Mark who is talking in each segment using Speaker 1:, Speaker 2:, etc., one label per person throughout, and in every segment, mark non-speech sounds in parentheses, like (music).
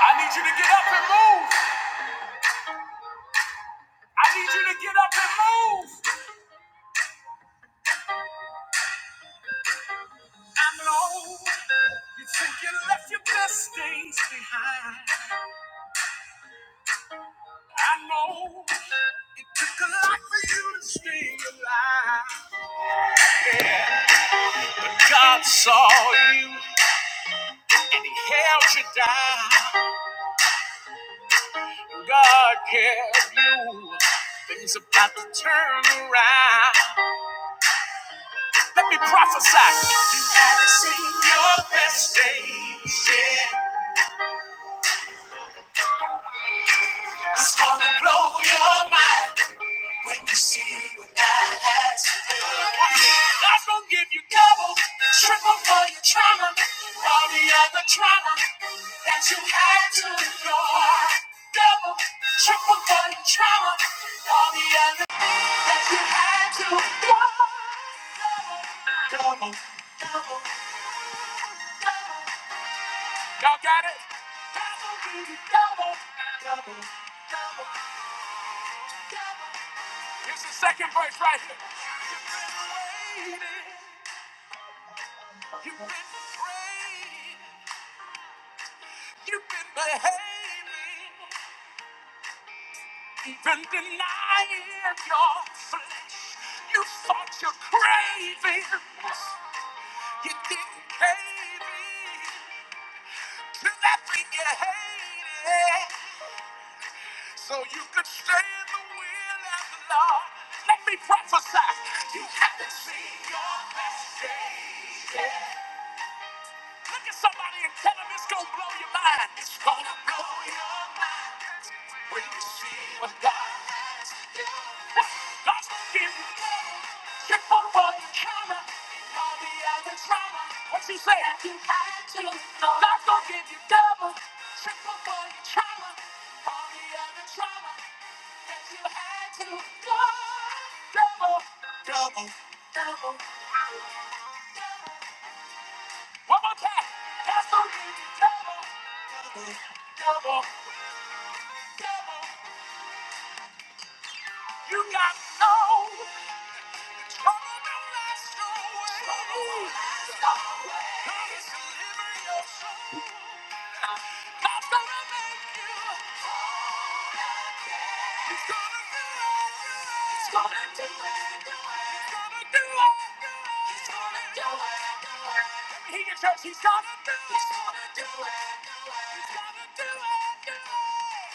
Speaker 1: I need you to get up and move. I need you to get up and move. I know you think you left your best things behind. I know it took a lot for you to stay alive. God saw you and he held you down. God kept you. Things about to turn around. Let me prophesy. You seen your best days. Yeah, it's gonna blow your mind. When you see what God has done. God's gonna give you double, triple for your trauma, all the other trauma that you had to endure. Double, triple for your trauma, all the other that you had to endure. Y'all got it? God's gonna give you double, double, double. Here's the second verse right here. You've been waiting, you've been praying. You've been behaving, you've been denying your flesh. You fought your cravings, you didn't cave in to that thing you hated, so you could stay in the will of the Lord. Let me prophesy, you haven't seen your best days. Look at somebody and tell them it's gonna blow your mind. It's gonna blow your mind when you see what God has done. God's gonna give you shit for what you counter. and All the other drama, what you say? That you had to. know. God's gonna give you double, triple for your trauma. All the other drama that you had to. know. Double, double, double, double. One more time. That's gonna give double, double, double. You got no. He's gonna do it. He's gonna do it. He's gonna do it.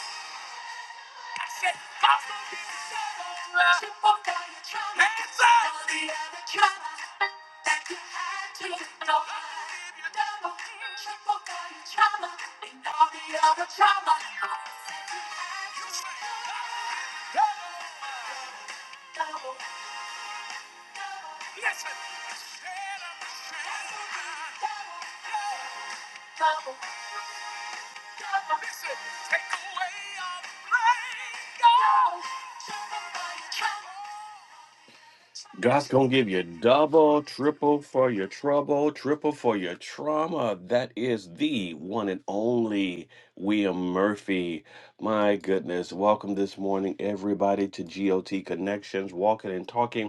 Speaker 1: God's gonna give you double, triple for your trouble, triple for your trauma. That is the one and only William Murphy. My goodness, welcome this morning, everybody, to GOT Connections, walking and talking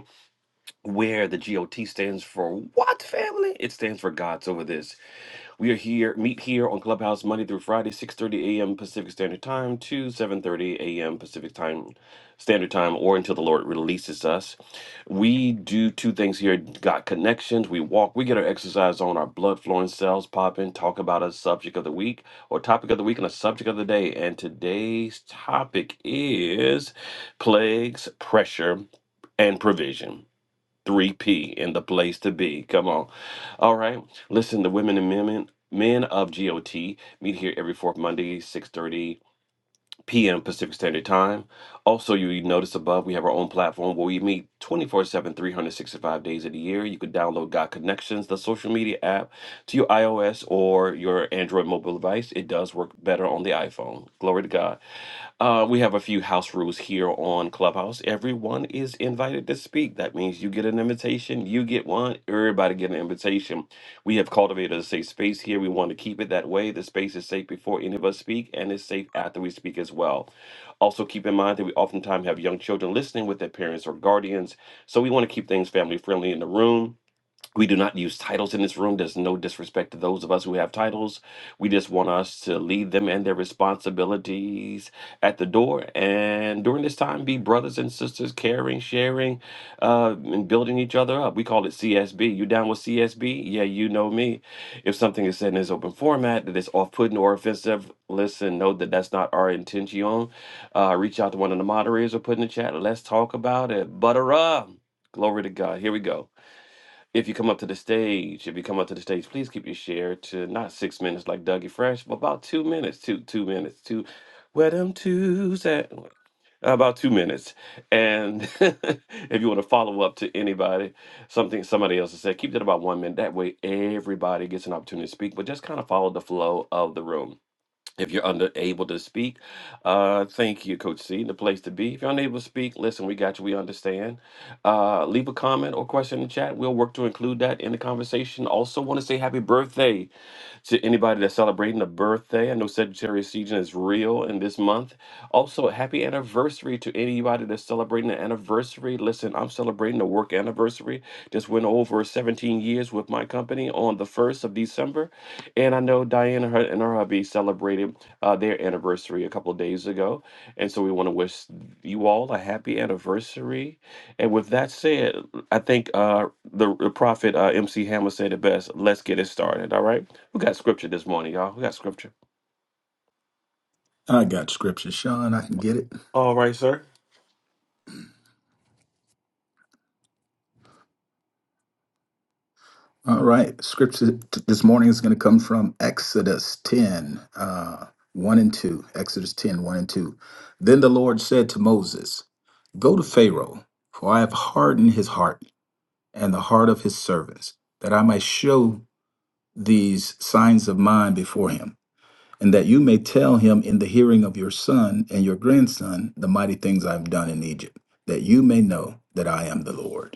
Speaker 1: where the GOT stands for what family? It stands for God's over this. We are here, meet here on Clubhouse Monday through Friday, 6:30 a.m. Pacific Standard Time to 7:30 a.m. Pacific Time Standard Time, or until the Lord releases us. We do two things here: got connections. We walk. We get our exercise on. Our blood flowing, cells popping. Talk about a subject of the week or topic of the week and a subject of the day. And today's topic is plagues, pressure, and provision 3P in the place to be. Come on. All right. Listen, the women and men men of GOT meet here every fourth Monday, 6:30 p.m. Pacific Standard Time. Also, you notice above we have our own platform where we meet 24/7 365 days of the year. You can download God Connections, the social media app, to your iOS or your Android mobile device. It does work better on the iPhone. Glory to God. Uh, we have a few house rules here on Clubhouse. Everyone is invited to speak. That means you get an invitation, you get one, everybody get an invitation. We have cultivated a safe space here. We want to keep it that way. The space is safe before any of us speak, and it's safe after we speak as well. Also, keep in mind that we oftentimes have young children listening with their parents or guardians, so we want to keep things family friendly in the room. We do not use titles in this room. There's no disrespect to those of us who have titles. We just want us to leave them and their responsibilities at the door. And during this time, be brothers and sisters, caring, sharing, uh, and building each other up. We call it CSB. You down with CSB? Yeah, you know me. If something is said in this open format that is off putting or offensive, listen, know that that's not our intention. Uh, reach out to one of the moderators or put in the chat. Let's talk about it. Butter up. Glory to God. Here we go. If you come up to the stage, if you come up to the stage, please keep your share to not six minutes like Dougie Fresh, but about two minutes, two two minutes, two. Where them twos at? About two minutes. And (laughs) if you want to follow up to anybody, something somebody else has said, keep that about one minute. That way, everybody gets an opportunity to speak, but just kind of follow the flow of the room. If you're unable to speak, uh, thank you, Coach C. The place to be. If you're unable to speak, listen, we got you. We understand. Uh, leave a comment or question in the chat. We'll work to include that in the conversation. Also, want to say happy birthday to anybody that's celebrating a birthday, I know Sagittarius season is real in this month. Also, a happy anniversary to anybody that's celebrating an anniversary. Listen, I'm celebrating a work anniversary. Just went over 17 years with my company on the 1st of December. And I know Diane and her, and her hubby celebrated uh, their anniversary a couple of days ago. And so we want to wish you all a happy anniversary. And with that said, I think uh, the, the prophet uh, MC Hammer said it best. Let's get it started. All right. We got scripture this morning, y'all. We got scripture.
Speaker 2: I got scripture, Sean. I can get it.
Speaker 1: All right, sir.
Speaker 2: All right. Scripture t- this morning is going to come from Exodus 10, uh, 1 and 2. Exodus ten, one and 2. Then the Lord said to Moses, Go to Pharaoh, for I have hardened his heart and the heart of his servants, that I might show these signs of mine before him, and that you may tell him in the hearing of your son and your grandson the mighty things I have done in Egypt, that you may know that I am the Lord.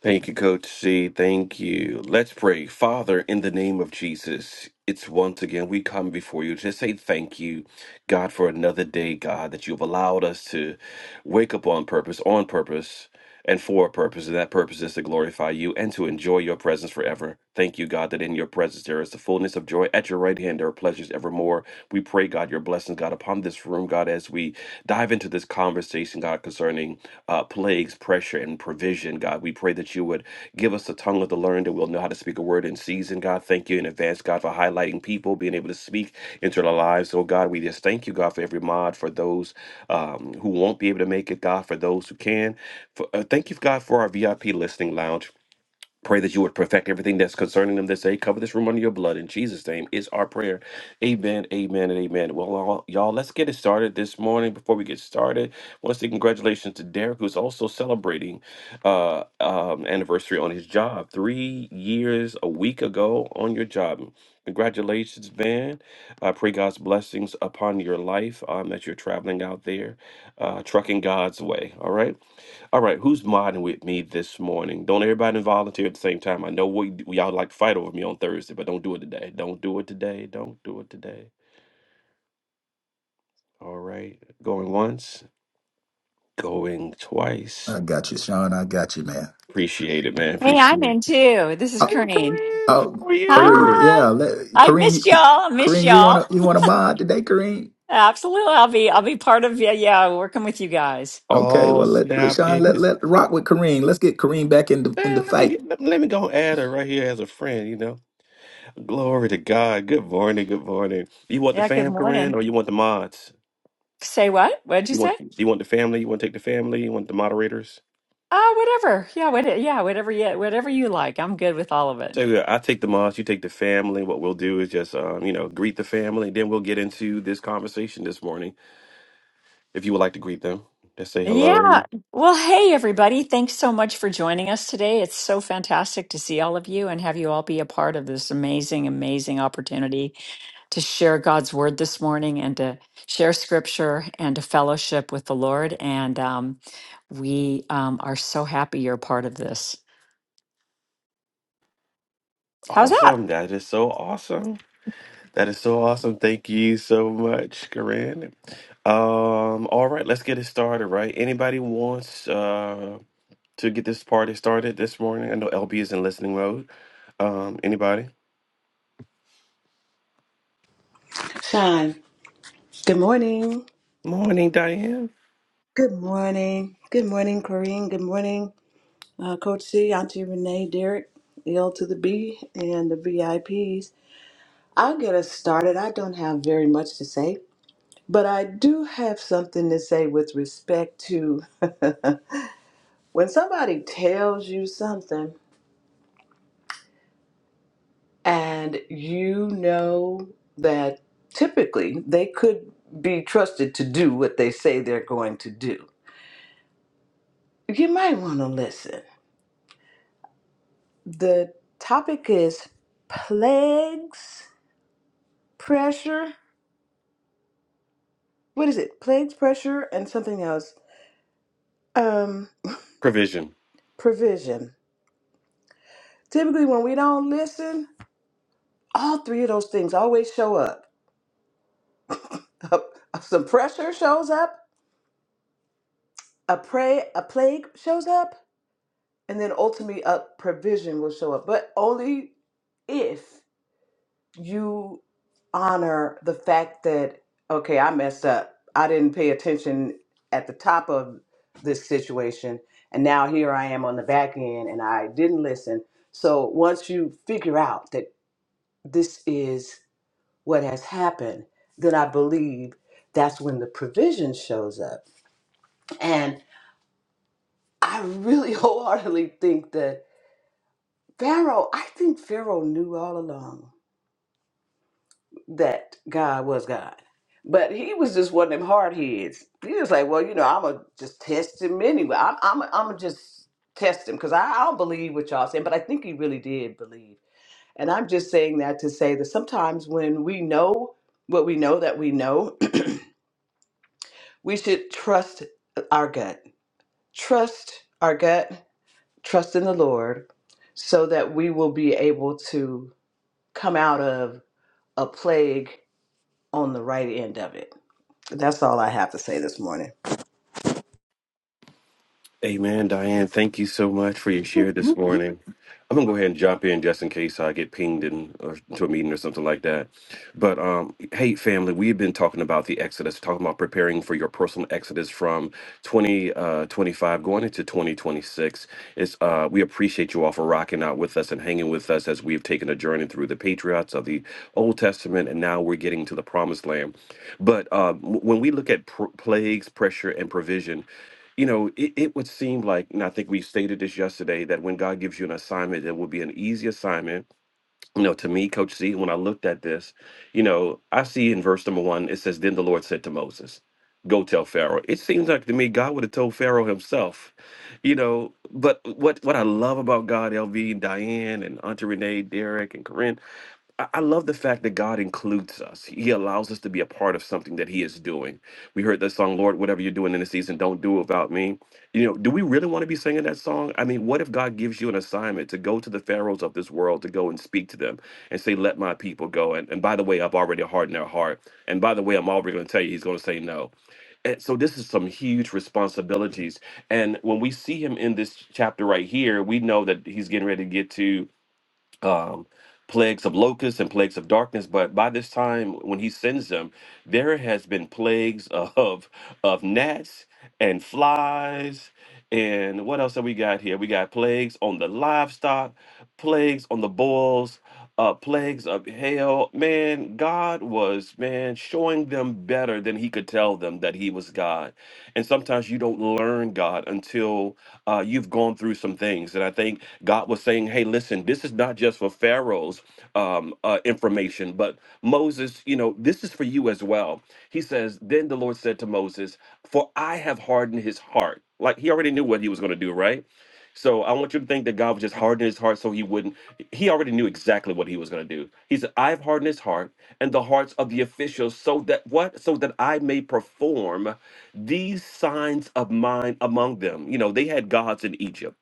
Speaker 1: Thank you, Coach C. Thank you. Let's pray. Father, in the name of Jesus, it's once again we come before you to say thank you, God, for another day, God, that you've allowed us to wake up on purpose, on purpose, and for a purpose. And that purpose is to glorify you and to enjoy your presence forever. Thank you, God, that in your presence there is the fullness of joy. At your right hand there are pleasures evermore. We pray, God, your blessings, God, upon this room, God, as we dive into this conversation, God, concerning uh, plagues, pressure, and provision, God. God. We pray that you would give us the tongue of the learned that we'll know how to speak a word in season, God. Thank you in advance, God, for highlighting people, being able to speak into their lives. Oh, God, we just thank you, God, for every mod, for those um, who won't be able to make it, God, for those who can. For, uh, thank you, God, for our VIP listening lounge. Pray that you would perfect everything that's concerning them this day. Cover this room under your blood. In Jesus' name is our prayer. Amen, amen, and amen. Well, all- y'all, let's get it started this morning. Before we get started, I want to say congratulations to Derek, who's also celebrating uh, um, anniversary on his job. Three years a week ago on your job. Congratulations, man. I pray God's blessings upon your life um, that you're traveling out there, uh, trucking God's way. All right. All right, who's modding with me this morning? Don't everybody volunteer at the same time. I know we, we y'all like to fight over me on Thursday, but don't do it today. Don't do it today. Don't do it today. All right, going once, going
Speaker 2: I
Speaker 1: twice.
Speaker 2: got you, Sean. I got you, man.
Speaker 1: Appreciate it, man.
Speaker 3: Hey, I'm
Speaker 1: Appreciate it.
Speaker 3: in too. This is
Speaker 2: Oh,
Speaker 1: Hey,
Speaker 3: Corinne.
Speaker 1: Corinne,
Speaker 2: oh
Speaker 1: how are
Speaker 2: Kareem,
Speaker 1: you?
Speaker 3: Hi.
Speaker 2: yeah, let,
Speaker 3: I've
Speaker 2: Kareem,
Speaker 3: missed y'all.
Speaker 2: you-
Speaker 3: I missed
Speaker 2: Kareem, you
Speaker 3: y'all.
Speaker 2: wanna you wanna mod today, Kareem?
Speaker 3: Absolutely. I'll be I'll be part of yeah, yeah, working with you guys.
Speaker 2: Okay,
Speaker 1: Oh
Speaker 2: well let, let
Speaker 1: snap!
Speaker 2: Sean
Speaker 1: It
Speaker 2: let
Speaker 1: is.
Speaker 2: let rock with Kareem. Let's get Kareem back in the in the
Speaker 1: Man, let me
Speaker 2: fight.
Speaker 1: get, let let me go add her right here as a friend. You know, glory to God. Good morning. Good morning. You want the
Speaker 3: Yeah, good
Speaker 1: fam, Corinne,
Speaker 3: morning.
Speaker 1: or you want the mods?
Speaker 3: Say what? What'd you
Speaker 1: You
Speaker 3: say?
Speaker 1: want you want the family? You want to take the family? You want the moderators?
Speaker 3: Uh whatever. Yeah, what yeah, whatever yeah, whatever you like. I'm good with all of it.
Speaker 1: So yeah, I take the moms, you take the family. What we'll do is just, um, you know, greet the family. Then we'll get into this conversation this morning. If you would like to greet them, just say
Speaker 3: Yeah.
Speaker 1: hello.
Speaker 3: Well, hey everybody. Thanks so much for joining us today. It's so fantastic to see all of you and have you all be a part of this amazing, amazing opportunity to share God's word this morning and to share scripture and to fellowship with the Lord. And um, we um, are so happy you're a part of this. How's that?
Speaker 1: Awesome. That is so awesome. That is so awesome. Thank you so much, Corinne. Um, all right, let's get it started, right? Anybody wants uh, to get this party started this morning? I know LB is in listening mode. Um, anybody?
Speaker 4: Sean, good morning.
Speaker 1: Morning, Diane.
Speaker 4: Good morning. Good morning, Corrine. Good morning, uh, Coach C, Auntie Renee, Derek, L to the B, and the VIPs. I'll get us started. I don't have very much to say, but I do have something to say with respect to (laughs) when somebody tells you something and you know that typically they could be trusted to do what they say they're going to do, you might want to listen The topic is plagues, pressure. What is it? Plagues, pressure, and something else. Um,
Speaker 1: Provision.
Speaker 4: provision. Typically, when we don't listen, all three of those things always show up. (laughs) Some pressure shows up, a pray, a plague shows up, and then ultimately a provision will show up. But only if. you honor the fact that okay i messed up i didn't pay attention at the top of this situation and now here i am on the back end and i didn't listen so once you figure out that this is what has happened then i believe that's when the provision shows up and i really (laughs) wholeheartedly think that pharaoh i think pharaoh knew all along that God was God. But he was just one of them hard heads. He was like, well, you know, I'm going to just test him anyway. I'm I'm I'm gonna just test him because I, I don't believe what y'all saying, but I think he really did believe. And I'm just saying that to say that sometimes when we know what we know that we know, (clears throat) we should trust our gut. Trust our gut, trust in the Lord, so that we will be able to come out of a plague on the right end of it That's all I have to say this morning.
Speaker 1: Amen, Diane. Thank you so much for your share this morning. I'm gonna go ahead and jump in just in case I get pinged in or into a meeting or something like that. But um, hey, family, we've been talking about the Exodus, talking about preparing for your personal Exodus from 2025 uh, 25 going into 2026. It's uh, we appreciate you all for rocking out with us and hanging with us as we've taken a journey through the patriots of the Old Testament, and now we're getting to the Promised Land. But uh, w- when we look at pr- plagues, pressure, and provision you know, it, it would seem like, and I think we stated this yesterday, that when God gives you an assignment, it will be an easy assignment. You know, to me, Coach C, when I looked at this, you know, I see in verse number one, it says, Then the Lord said to Moses, Go tell Pharaoh. It seems like to me God would have told Pharaoh himself, you know. But what what I love about God, LV, Diane, and Auntie Renee, Derek, and Corinne, I I love the fact that God includes us. He allows us to be a part of something that He is doing. We heard that song, Lord, whatever you're doing in the season, don't do without me. You know, do we really want to be singing that song? I mean, what if God gives you an assignment to go to the pharaohs of this world, to go and speak to them and say, let my people go? And, and by the way, I've already hardened their heart. And by the way, I'm already going to tell you, He's going to say no. And so this is some huge responsibilities. And when we see him in this chapter right here, we know that he's getting ready to get to um, plagues of locusts and plagues of darkness. But by this time, when he sends them, there has been plagues of of gnats and flies. And what else have we got here? We got plagues on the livestock, plagues on the bulls uh, plagues of hail. Man, God was, man, showing them better than he could tell them that he was God. And sometimes you don't learn God until uh, you've gone through some things. And I think God was saying, hey, listen, this is not just for Pharaoh's um, uh, information, but Moses, you know, this is for you as well. He says, then the Lord said to Moses, for I have hardened his heart. Like he already knew what he was going to do, right? So I want you to think that God was just hardening his heart so he wouldn't. He already knew exactly what he was going to do. He said, I've hardened his heart and the hearts of the officials so that what? So that I may perform these signs of mine among them. You know, they had gods in Egypt,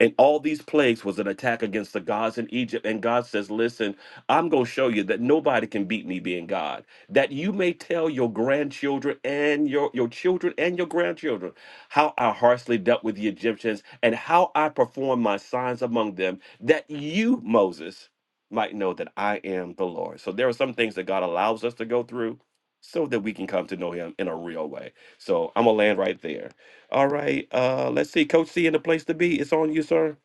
Speaker 1: and all these plagues was an attack against the gods in Egypt. And God says, Listen, I'm going to show you that nobody can beat me being God, that you may tell your grandchildren and your, your children and your grandchildren how I harshly dealt with the Egyptians and how I performed my signs among them, that you, Moses, might know that I am the Lord. So there are some things that God allows us to go through so that we can come to know him in a real way. So I'm gonna land right there. All right. Uh let's see. Coach C in the place to be. It's on you, sir.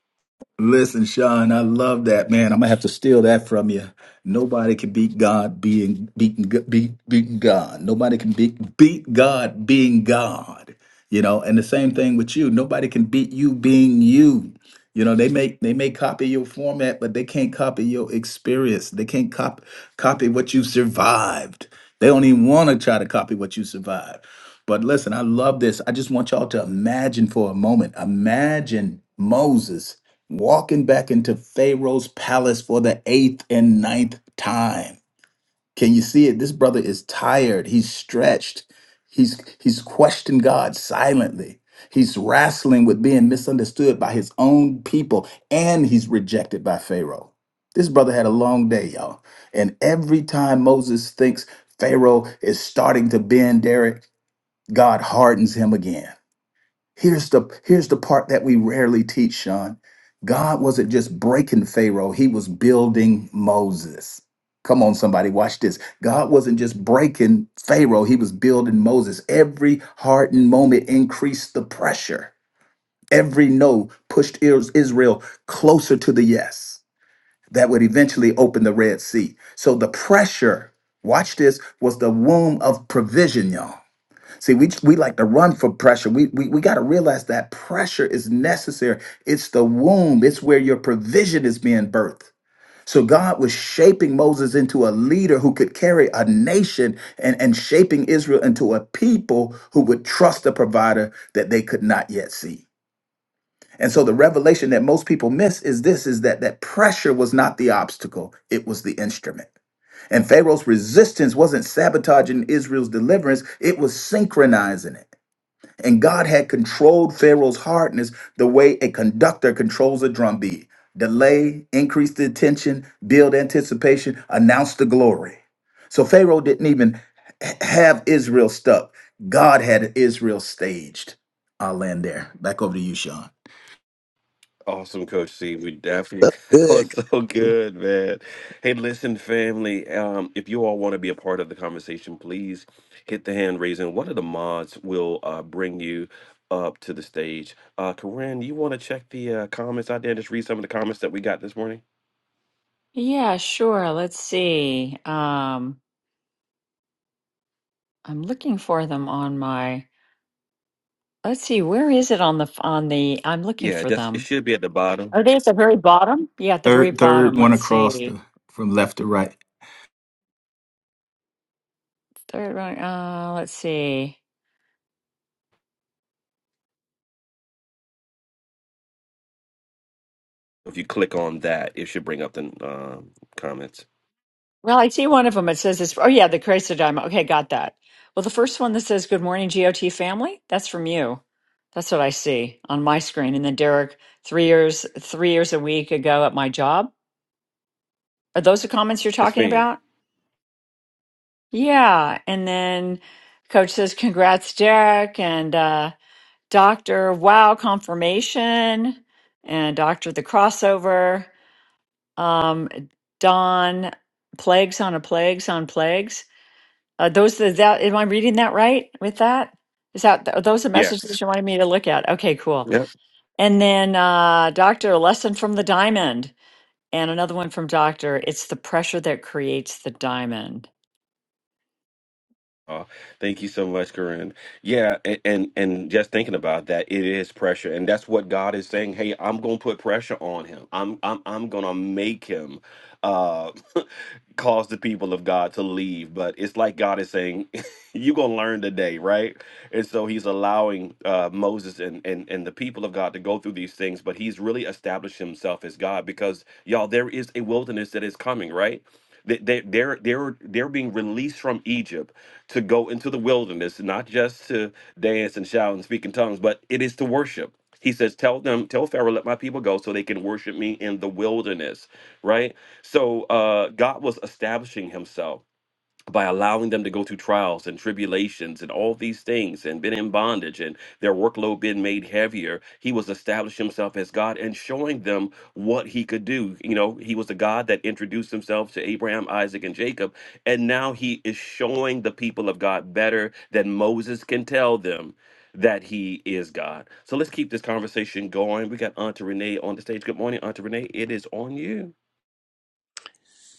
Speaker 2: Listen, Sean, I love that man. I'm gonna have to steal that from you. Nobody can beat God being beaten beat, beating God. Nobody can beat beat God being God. You know, and the same thing with you. Nobody can beat you being you. You know, they may they may copy your format, but they can't copy your experience. They can't cop, copy what you survived. They don't even want to try to copy what you survived. But listen, I love this. I just want y'all to imagine for a moment. Imagine Moses walking back into Pharaoh's palace for the eighth and ninth time. Can you see it? This brother is tired. He's stretched. He's he's questioned God silently. He's wrestling with being misunderstood by his own people, and he's rejected by Pharaoh. This brother had a long day, y'all. And every time Moses thinks Pharaoh is starting to bend, Derek, God hardens him again. Here's the here's the part that we rarely teach, Sean. God wasn't just breaking Pharaoh, he was building Moses. Come on, somebody, watch this. God wasn't just breaking Pharaoh, he was building Moses. Every hardened moment increased the pressure. Every no pushed Is- Israel closer to the yes that would eventually open the Red Sea. So the pressure, watch this, was the womb of provision, y'all. See, we we like to run for pressure. We we, we got to realize that pressure is necessary. It's the womb. It's where your provision is being birthed. So God was shaping Moses into a leader who could carry a nation and, and shaping Israel into a people who would trust a provider that they could not yet see. And so the revelation that most people miss is this is that that pressure was not the obstacle, it was the instrument. And Pharaoh's resistance wasn't sabotaging Israel's deliverance, it was synchronizing it. And God had controlled Pharaoh's hardness the way a conductor controls a drumbeat. Delay, increase the attention, build anticipation, announce the glory. So Pharaoh didn't even h- have Israel stuck. God had Israel staged. I'll land there. Back over to you, Sean.
Speaker 1: Awesome, Coach C. We
Speaker 5: so
Speaker 1: definitely (laughs) that
Speaker 5: good.
Speaker 1: was so good, man. Hey, listen, family. Um, if you all want to be a part of the conversation, please hit the hand raising. One of the mods will uh, bring you up to the stage. Uh, Corinne, you want to check the uh, comments out there? and Just read some of the comments that we got this morning.
Speaker 3: Yeah, sure. Let's see. Um, I'm looking for them on my. Let's see, where is it on the f- on the? I'm looking
Speaker 1: Yeah,
Speaker 3: for
Speaker 1: that's
Speaker 3: them.
Speaker 1: it. Should be at the bottom.
Speaker 3: Are they at the very bottom? Yeah, at the very
Speaker 2: Third,
Speaker 3: bottom.
Speaker 2: third one
Speaker 3: Let's
Speaker 2: across
Speaker 3: see.
Speaker 2: the from left to right.
Speaker 3: Third one. Uh, let's see.
Speaker 1: If you click on that, it should bring up the um, comments.
Speaker 3: Well, I see one of them. It says this. oh, yeah, the Chrysler Diamond. Okay, got that. Well, the first one that says, Good morning, GOT family, that's from you. That's what I see on my screen. And then Derek, three years, three years a week ago at my job. Are those the comments you're
Speaker 1: Yes,
Speaker 3: talking
Speaker 1: fam.
Speaker 3: about? Yeah. And then coach says, Congrats, Derek. And uh, Doctor, wow, confirmation. And Doctor, the crossover. um, Don Plagues on a Plagues on Plagues. Uh, those the that am I reading that right with that? Is that are those the
Speaker 1: Yes.
Speaker 3: messages you wanted me to look at? Okay, cool. And then uh, Doctor Lesson from the Diamond and another one from Doctor. It's the pressure that creates the diamond.
Speaker 1: Oh, thank you so much, Corinne. Yeah, and, and and just thinking about that, it is pressure, and that's what God is saying. Hey, I'm gonna put pressure on him. I'm I'm I'm gonna make him uh, (laughs) cause the people of God to leave. But it's like God is saying, (laughs) you're gonna learn today, right? And so He's allowing uh, Moses and and and the people of God to go through these things, but He's really established Himself as God because y'all, there is a wilderness that is coming, right? They, they, they're they're they're being released from Egypt to go into the wilderness, not just to dance and shout and speak in tongues, but it is to worship. He says, "Tell them, tell Pharaoh, let my people go, so they can worship me in the wilderness." Right. So uh, God was establishing Himself by allowing them to go through trials and tribulations and all these things and been in bondage and their workload being made heavier he was establishing himself as god and showing them what he could do you know he was the god that introduced himself to abraham isaac and jacob and now he is showing the people of god better than moses can tell them that he is god so let's keep this conversation going we got auntie renee on the stage good morning auntie renee it is on you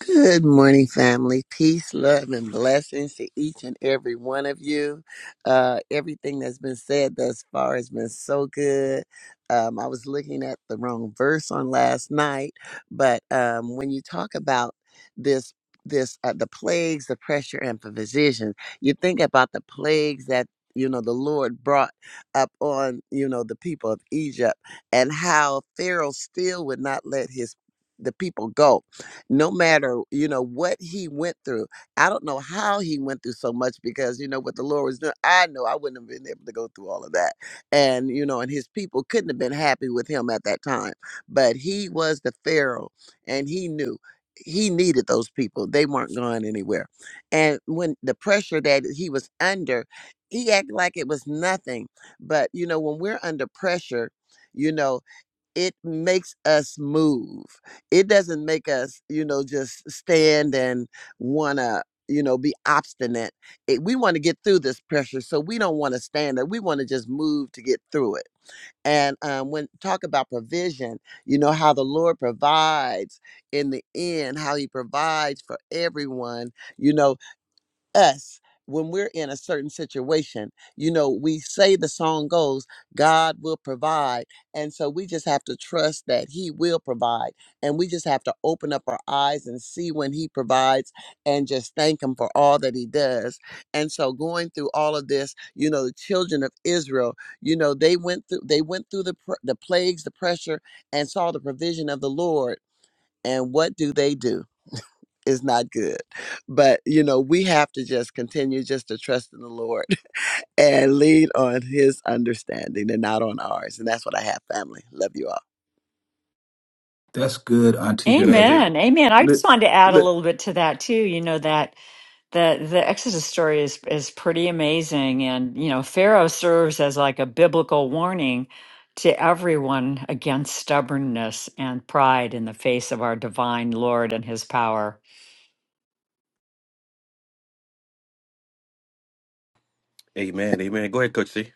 Speaker 5: Good morning, family. Peace, love, and blessings to each and every one of you. Uh, everything that's been said thus far has been so good. Um, I was looking at the wrong verse on last night, but um, when you talk about this, this uh, the plagues, the pressure, and provision, you think about the plagues that you know the Lord brought up on you know the people of Egypt, and how Pharaoh still would not let his the people go no matter you know what he went through i don't know how he went through so much because you know what the lord was doing i know i wouldn't have been able to go through all of that and you know and his people couldn't have been happy with him at that time but he was the pharaoh and he knew he needed those people they weren't going anywhere and when the pressure that he was under he acted like it was nothing but you know when we're under pressure you know it makes us move. It doesn't make us, you know, just stand and want to, you know, be obstinate. It, we want to get through this pressure, so we don't want to stand it. We want to just move to get through it. And um, when talk about provision, you know how the Lord provides in the end, how He provides for everyone. You know, us when we're in a certain situation. You know, we say the song goes, God will provide. And so we just have to trust that He will provide. And we just have to open up our eyes and see when He provides and just thank Him for all that He does. And so going through all of this, you know, the children of Israel, you know, they went through they went through the pr- the plagues, the pressure and saw the provision of the Lord. And what do they do? is not good. But, you know, we have to just continue just to trust in the Lord (laughs) and lead on his understanding and not on ours. And that's what I have, family. Love you all.
Speaker 2: That's good, Auntie
Speaker 1: It's good
Speaker 2: Renee.
Speaker 1: auntie
Speaker 3: Amen. Amen. I just
Speaker 2: Look,
Speaker 3: wanted to add a
Speaker 2: look,
Speaker 3: little bit to that too. You know that The the Exodus story is is pretty amazing, and you know Pharaoh serves as like a biblical warning to everyone against stubbornness and pride in the face of our divine Lord and His power.
Speaker 1: amen amen go ahead coach c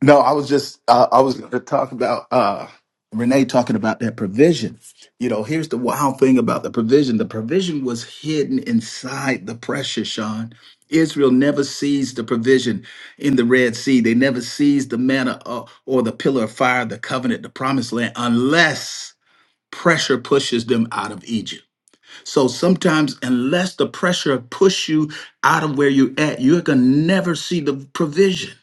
Speaker 2: No, I was just uh, I was going to talk about uh, Renee talking about that provision. You know, here's the wild thing about the provision: the provision was hidden inside the pressure. Sean, Israel never sees the provision in the Red Sea. They never sees the manna uh, or the pillar of fire, the covenant, the promised land, unless pressure pushes them out of Egypt. So sometimes, unless the pressure push you out of where you're at, you're gonna never see the provision.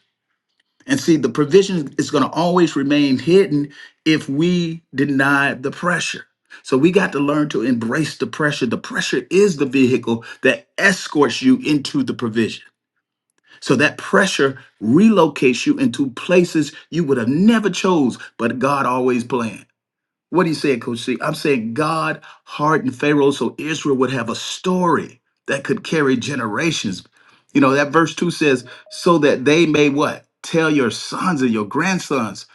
Speaker 2: And see, the provision is going to always remain hidden if we deny the pressure. So we got to learn to embrace the pressure. The pressure is the vehicle that escorts you into the provision. So that pressure relocates you into places you would have never chose, but God always planned. What are you saying, Coach C? I'm saying God hardened Pharaoh so Israel would have a story that could carry generations. You know, that verse 2 says, so that they may what? Tell your sons and your grandsons.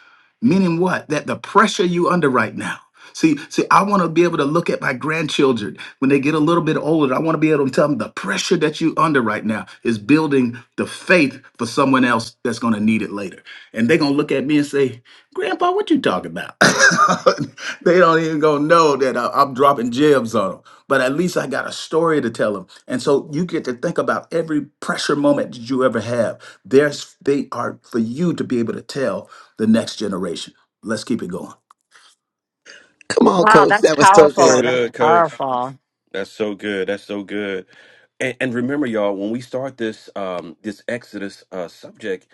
Speaker 2: Meaning what? That the pressure you under right now. See, see, I want to be able to look at my grandchildren when they get a little bit older. I want to be able to tell them the pressure that you under right now is building the faith for someone else that's going to need it later. And they're going to look at me and say, Grandpa, what you talking about? (laughs) they don't even going to know that I- I'm dropping jibs on them. But at least I got a story to tell them. And so you get to think about every pressure moment that you ever have. There's they are for you to be able to tell the next generation. Let's keep it going.
Speaker 5: Come on,
Speaker 3: Wow,
Speaker 5: coach.
Speaker 3: that's
Speaker 5: That was so
Speaker 1: that's so
Speaker 3: powerful.
Speaker 5: good.
Speaker 3: That's
Speaker 1: good, Coach.
Speaker 3: powerful.
Speaker 1: That's so good. That's so good. And, and remember, y'all, when we start this um, this Exodus uh, subject,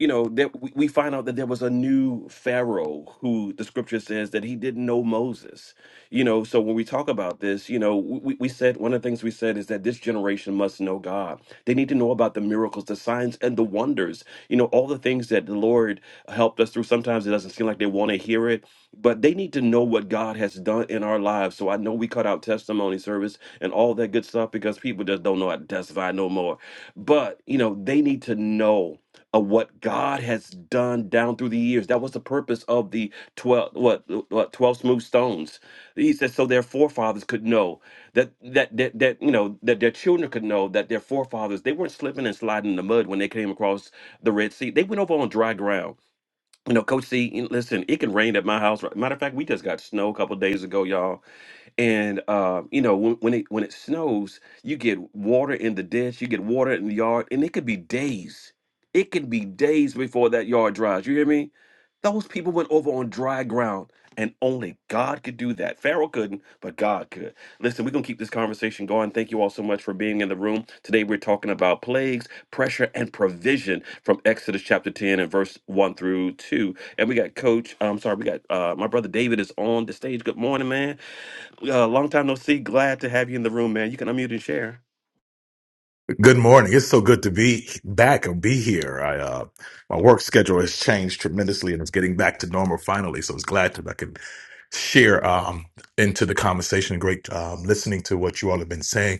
Speaker 1: you know that we we find out that there was a new pharaoh who the scripture says that he didn't know moses you know so when we talk about this you know we, we said one of the things we said is that this generation must know god they need to know about the miracles the signs and the wonders you know all the things that the lord helped us through sometimes it doesn't seem like they want to hear it but they need to know what god has done in our lives so i know we cut out testimony service and all that good stuff because people just don't know how to testify no more but you know they need to know of what God has done down through the years. That was the purpose of the 12 what what 12 smooth stones. He said so their forefathers could know that that that, that you know that their children could know that their forefathers they weren't slipping and sliding in the mud when they came across the Red Sea. They went over on dry ground. You know, Coach C, you know, listen, it can rain at my house. right? Matter of fact, we just got snow a couple days ago, y'all and uh, you know, when when it when it snows, you get water in the ditch, you get water in the yard, and it could be days. It could be days before that yard dries. You hear me? Those people went over on dry ground, and only God could do that. Pharaoh couldn't, but God could. Listen, we're gonna keep this conversation going. Thank you all so much for being in the room today. We're talking about plagues, pressure, and provision from Exodus chapter ten and verse one through two. And we got Coach. I'm sorry, we got uh, my brother David is on the stage. Good morning, man. Uh, long time no see. Glad to have you in the room, man. You can unmute and share.
Speaker 6: Good morning. It's so good to be back and be here. I uh my work schedule has changed tremendously and it's getting back to normal finally. So I was glad that I could share um into the conversation. Great um listening to what you all have been saying.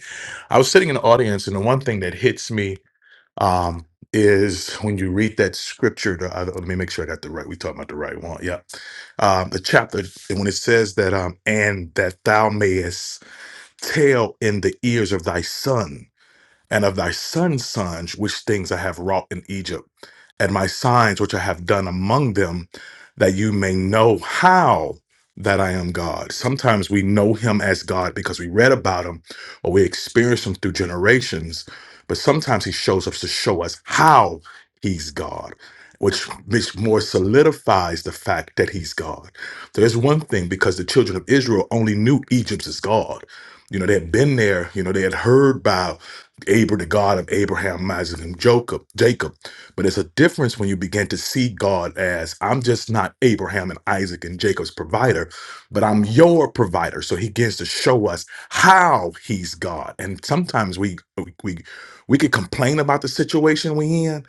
Speaker 6: I was sitting in the audience and the one thing that hits me um is when you read that scripture the, uh, let me make sure I got the right we talking about the right one. Yeah. Um the chapter and when it says that um and that thou mayest tell in the ears of thy son and of thy son's sons, which things I have wrought in Egypt, and my signs which I have done among them, that you may know how that I am God. Sometimes we know him as God because we read about him or we experience him through generations, but sometimes he shows up to show us how he's God. Which, which more solidifies the fact that he's God. There's one thing because the children of Israel only knew Egypt as God. You know, they had been there, you know, they had heard by Abra, the God of Abraham, Isaac, and Jacob. Jacob. But it's a difference when you begin to see God as I'm just not Abraham and Isaac and Jacob's provider, but I'm your provider. So he begins to show us how he's God. And sometimes we we we, we could complain about the situation we in,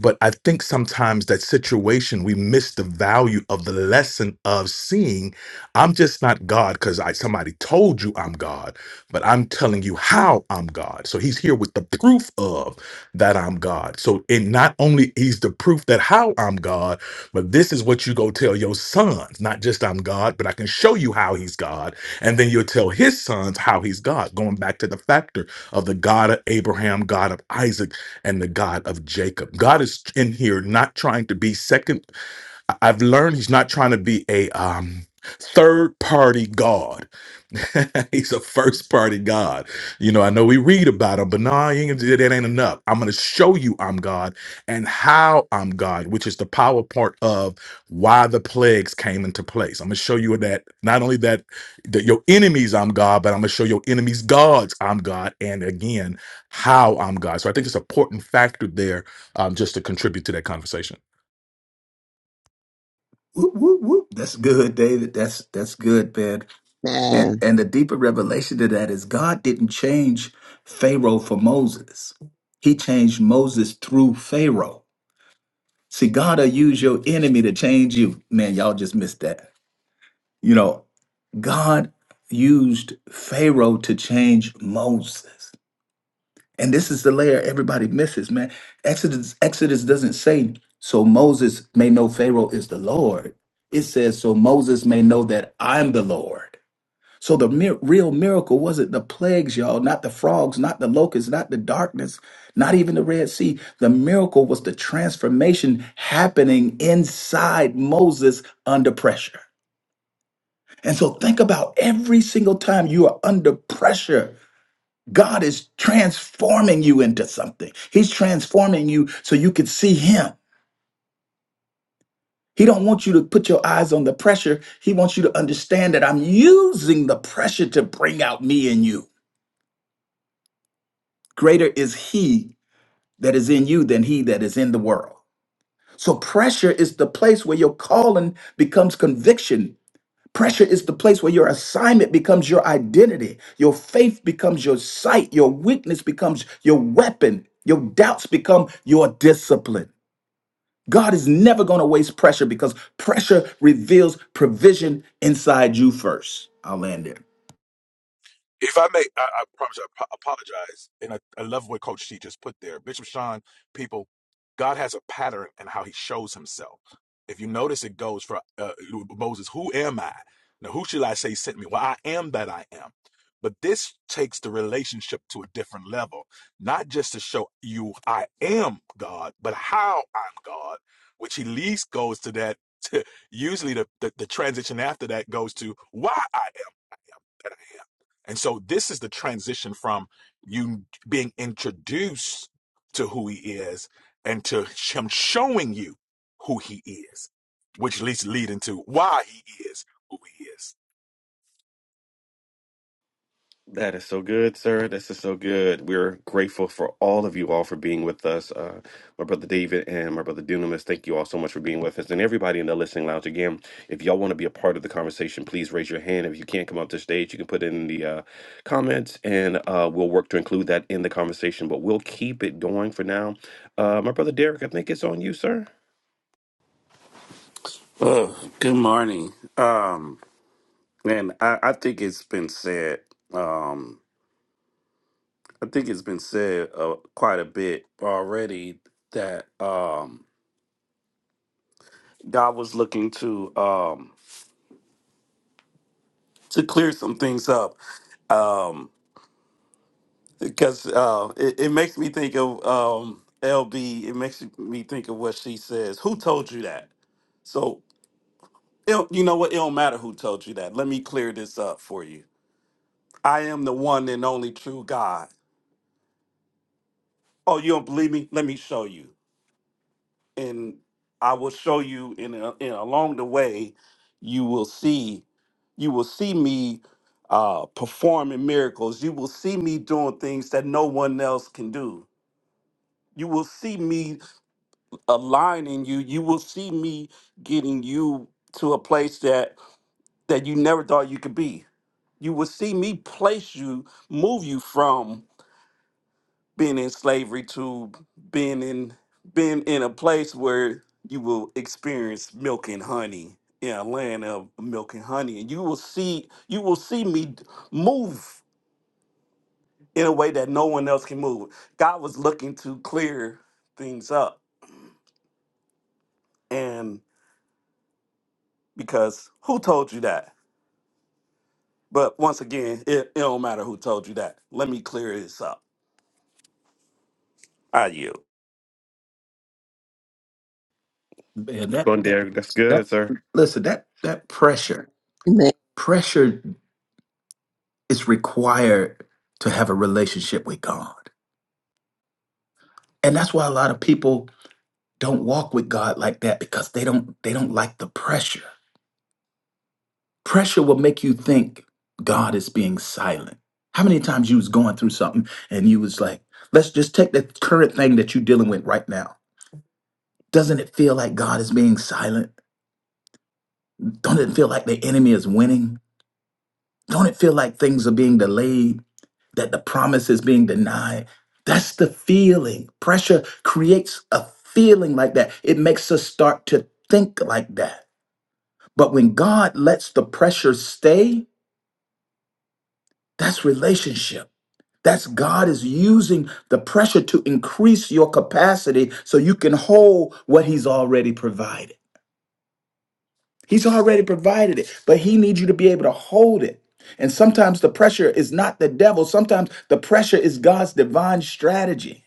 Speaker 6: but I think sometimes that situation, we miss the value of the lesson of seeing I'm just not God because I somebody told you I'm God, but I'm telling you how I'm God. So he's here with the proof of that I'm God. So and not only he's the proof that how I'm God, but this is what you go tell your sons, not just I'm God, but I can show you how he's God. And then you'll tell his sons how he's God, going back to the factor of the God of Abraham, God of Isaac and the God of Jacob. God is in here not trying to be second I- I've learned he's not trying to be a um, third party God. (laughs) he's a first party God. You know, I know we read about him, but no, he ain't, that ain't enough. I'm going to show you I'm God and how I'm God, which is the power part of why the plagues came into place. I'm going to show you that not only that, that your enemies I'm God, but I'm going to show your enemies gods I'm God. And again, how I'm God. So I think it's an important factor there um, just to contribute to that conversation.
Speaker 2: Whoop, whoop, whoop. That's good, David. That's that's good, man. And
Speaker 5: Man.
Speaker 2: and the deeper revelation to that is God didn't change Pharaoh for Moses. He changed Moses through Pharaoh. See, God will use your enemy to change you. Man, y'all just missed that. You know, God used Pharaoh to change Moses. And this is the layer everybody misses, man. Exodus Exodus doesn't say so Moses may know Pharaoh is the Lord. It says so Moses may know that I'm the Lord. So the mir- real miracle wasn't the plagues, y'all, not the frogs, not the locusts, not the darkness, not even the Red Sea. The miracle was the transformation happening inside Moses under pressure. And so think about every single time you are under pressure God is transforming you into something. He's transforming you so you can see him. He don't want you to put your eyes on the pressure. He wants you to understand that I'm using the pressure to bring out me in you. Greater is he that is in you than he that is in the world. So pressure is the place where your calling becomes conviction. Pressure is the place where your assignment becomes your identity. Your faith becomes your sight. Your weakness becomes your weapon. Your doubts become your discipline. God is never going to waste pressure because pressure reveals provision inside you first. I'll land there.
Speaker 6: If I may, I, I promise you, I ap- apologize. And I, I love what Coach T just put there. Bishop Sean, people, God has a pattern in how he shows himself. If you notice, it goes for uh, Moses, who am I? Now, who should I say sent me? Well, I am that I am. But this takes the relationship to a different level, not just to show you I am God, but how I'm God, which he least goes to that. (laughs) usually, the, the, the transition after that goes to why I that I am. And so this is the transition from you being introduced to who he is and to him showing you who he is, which leads lead into why he is who he is.
Speaker 1: That is so good, sir. This is so good. We're grateful for all of you all for being with us. Uh, my brother David and my brother Dunamis, thank you all so much for being with us. And everybody in the listening lounge, again, if y'all want to be a part of the conversation, please raise your hand. If you can't come up to stage, you can put it in the uh, comments and uh, we'll work to include that in the conversation. But we'll keep it going for now. Uh, my brother Derek, I think it's on you, sir.
Speaker 7: Oh, good morning. Um, and I, I think it's been said. Um, I think it's been said uh, quite a bit already that um, God was looking to um, to clear some things up. Um, because uh, it, it makes me think of um, LB. It makes me think of what she says. Who told you that? So it, you know what? It don't matter who told you that. Let me clear this up for you. I am the one and only true God. Oh, you don't believe me? Let me show you. And I will show you in, a, in along the way, you will see, you will see me uh, performing miracles. You will see me doing things that no one else can do. You will see me aligning you. You will see me getting you to a place that that you never thought you could be. You will see me place you, move you from being in slavery to being in being in a place where you will experience milk and honey in a land of milk and honey and you will see you will see me d- move in a way that no one else can move god was looking to clear things up and because who told you that but once again it, it don't matter who told you that let me clear this up i you
Speaker 2: Man, that,
Speaker 1: Come on,
Speaker 2: that,
Speaker 1: Derek. That's
Speaker 2: that
Speaker 1: good, sir.
Speaker 2: listen, that that pressure,
Speaker 5: Man.
Speaker 2: pressure is required to have a relationship with God. And that's why a lot of people don't walk with God like that because they don't they don't like the pressure. Pressure will make you think God is being silent. How many times you was going through something and you was like, let's just take the current thing that you're dealing with right now Doesn't it feel like God is being silent? Don't it feel like the enemy is winning? Don't it feel like things are being delayed, that the promise is being denied? That's the feeling. Pressure creates a feeling like that. It makes us start to think like that. But when God lets the pressure stay, that's relationship. That's God is using the pressure to increase your capacity so you can hold what He's already provided. He's already provided it, but he needs you to be able to hold it. And sometimes the pressure is not the devil, sometimes the pressure is God's divine strategy.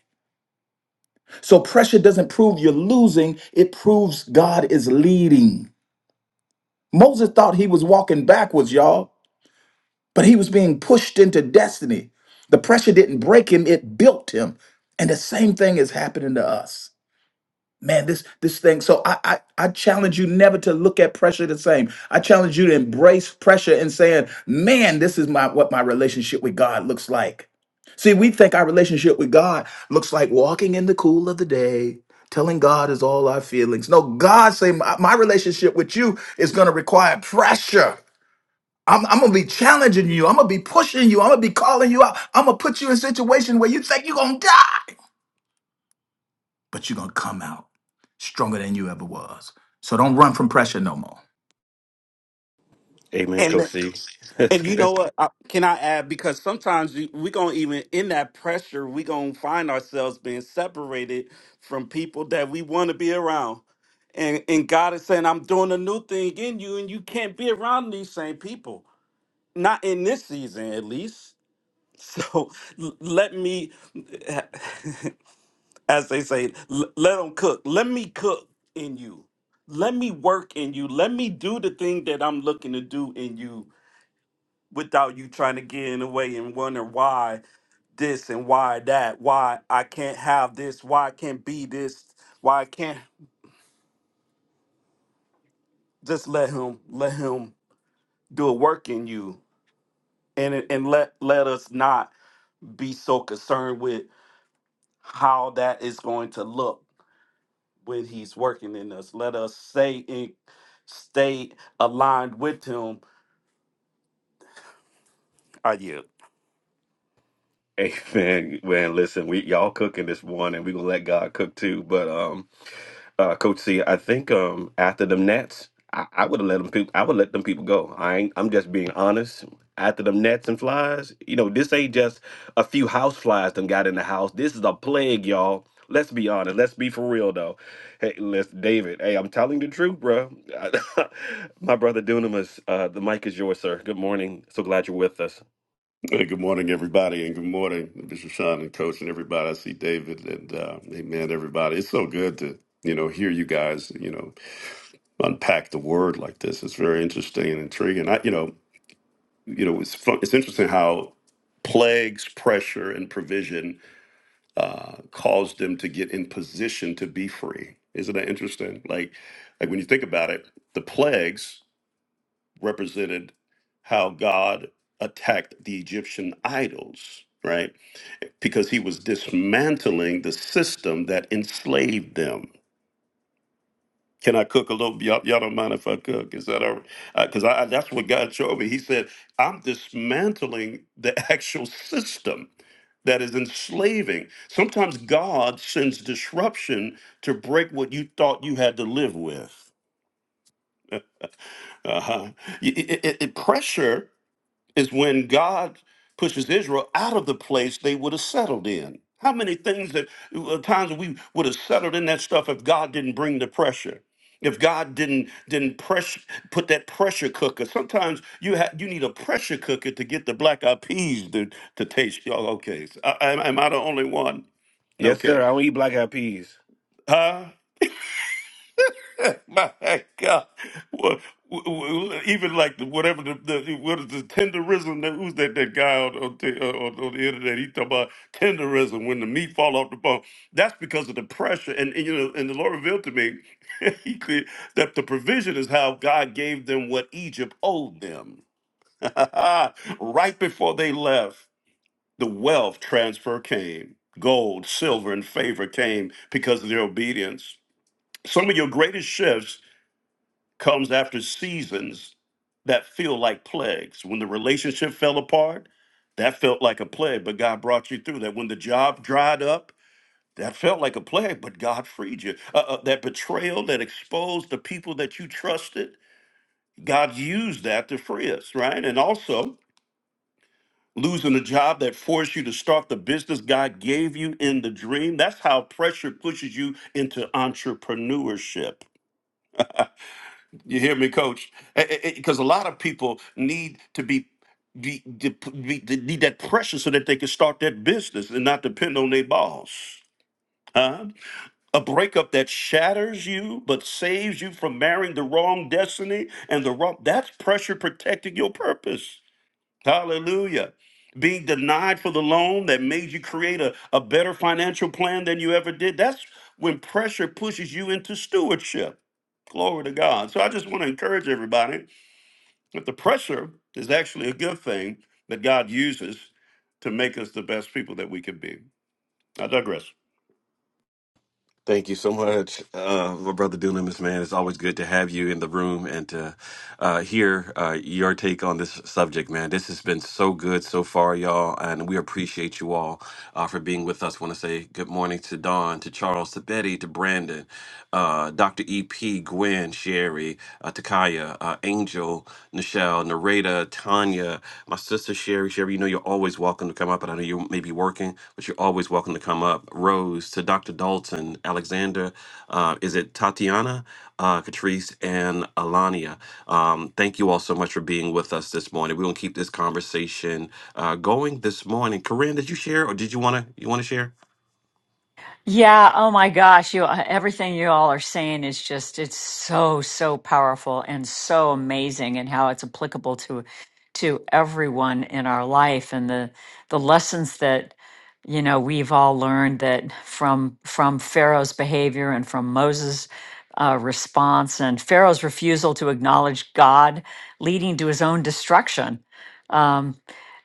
Speaker 2: So pressure doesn't prove you're losing, it proves God is leading. Moses thought he was walking backwards, y'all, but he was being pushed into destiny. The pressure didn't break him, it built him. And the same thing is happening to us. man this this thing so I, I i challenge you never to look at pressure the same i challenge you to embrace pressure and saying man this is my what my relationship with god looks like see we think our relationship with god looks like walking in the cool of the day telling god is all our feelings no god say my, my relationship with you is going to require pressure I'm, I'm gonna be challenging you. I'm gonna be pushing you. I'm gonna be calling you out. I'm gonna put you in a situation where you think you're gonna die but you're going to come out stronger than you ever was. So don't run from pressure no more.
Speaker 1: Amen, Coach
Speaker 7: and
Speaker 1: C. (laughs) That's
Speaker 7: And
Speaker 1: good.
Speaker 7: you know what? I, can I add? Because sometimes we, we gonna even in that pressure, we gonna find ourselves being separated from people that we want to be around. And and God is saying, "I'm doing a new thing in you, and you can't be around these same people. Not in this season, at least." So (laughs) l- let me, (laughs) as they say, l- let them cook. Let me cook in you. Let me work in you. Let me do the thing that I'm looking to do in you without you trying to get in the way and wonder why this and why that, why I can't have this, why I can't be this, why I can't just let him let him do a work in you. And and let let us not be so concerned with how that is going to look when he's working in us. Let us stay in stay aligned with him. I yeah.
Speaker 1: Amen. (laughs) Man, listen, we y'all cooking this morning. We gonna let God cook too. But um, uh, Coach C, I think um after them Nets, I, I would have let them people. I would let them people go. I ain't, I'm just being honest. After them Nets and flies, you know, this ain't just a few house flies them got in the house. This is a plague, y'all. Let's be honest. Let's be for real though. Hey, let's David. Hey, I'm telling the truth, bro. (laughs) My brother Dunamis, uh, the mic is yours, sir. Good morning. So glad you're with us.
Speaker 8: Hey, good morning, everybody, and good morning, Bishop Sean and Coach and everybody. I see David and uh, Amen, everybody. It's so good to you know hear you guys you know unpack the word like this. It's very interesting and intriguing. I you know you know it's fun, it's interesting how plagues, pressure, and provision uh, caused them to get in position to be free. Isn't that interesting? Like like when you think about it, the plagues represented how God attacked the Egyptian idols, right? Because he was dismantling the system that enslaved them. Can I cook a little? Y'all, y'all don't mind if I cook? Is that all right? Because I, I- that's what God showed me. He said, I'm dismantling the (laughs) actual system that is enslaving. Sometimes God sends disruption to break what you thought you had to live with. Uh-huh. Y- y- y- y- pressure is when God pushes Israel out of the place they would have settled in. How many things that uh, times we would have settled in that stuff if God didn't bring the pressure? If God didn't didn't press put that pressure cooker. Sometimes you ha- you need a pressure cooker to get the black eyed peas to, to taste. Y'all okay? So, I, am am I the only one?
Speaker 1: Yes, sir.
Speaker 8: Okay.
Speaker 1: I don't eat black eyed peas.
Speaker 8: Huh? (laughs) My God. Well, w- w- even like the, whatever the, the what is the tenderism that who's that that guy on, on, the, uh, on, on the internet he talk about tenderism when the meat fall off the bone that's because of the pressure and, and you know and the Lord revealed to me (laughs) he clear, that the provision is how God gave them what Egypt owed them (laughs) right before they left the wealth transfer came gold silver and favor came because of their obedience some of your greatest shifts comes after seasons that feel like plagues. When the relationship fell apart, that felt like a plague, but God brought you through that. When the job dried up, that felt like a plague, but God freed you. Uh, uh, that betrayal that exposed the people that you trusted, God used that to free us, right? And also, losing a job that forced you to start the business God gave you in the dream, that's how pressure pushes you into entrepreneurship You hear me, Coach? Because a lot of people need to be, be, de- be- de- need that pressure so that they can start their business and not depend on their boss. Huh? A breakup that shatters you but saves you from marrying the wrong destiny and the wrong that's pressure protecting your purpose. Hallelujah. Being denied for the loan that made you create a, a better financial plan than you ever did. That's when pressure pushes you into stewardship. Glory to God. So I just want to encourage everybody but the pressure is actually a good thing that God uses to make us the best people that we could be. I digress.
Speaker 1: Thank you so much, uh, my brother Dunamis, man. It's always good to have you in the room and to uh, hear uh, your take on this subject, man. This has been so good so far, y'all, and we appreciate you all uh, for being with us. want to say good morning to Don, to Charles, to Betty, to Brandon, uh, Dr. EP, Gwen, Sherry, uh, Takaya, uh, Angel, Nichelle uh, Nareda, Tanya, my sister Sherry. Sherry, you know you're always welcome to come up, and I know you may be working, but you're always welcome to come up. Rose, to Dr. Dalton, Alexander, uh, is it Tatiana, uh, Catrice, and Alania? Um, thank you all so much for being with us this morning. We're gonna keep this conversation uh, going this morning. Corinne, did you share, or did you wanna you wanna share?
Speaker 3: Yeah, oh my gosh, you uh, everything you all are saying is just it's so so powerful and so amazing and how it's applicable to to everyone in our life and the the lessons that you know we've all learned that from from Pharaoh's behavior and from Moses' uh, response and Pharaoh's refusal to acknowledge God leading to his own destruction. Um,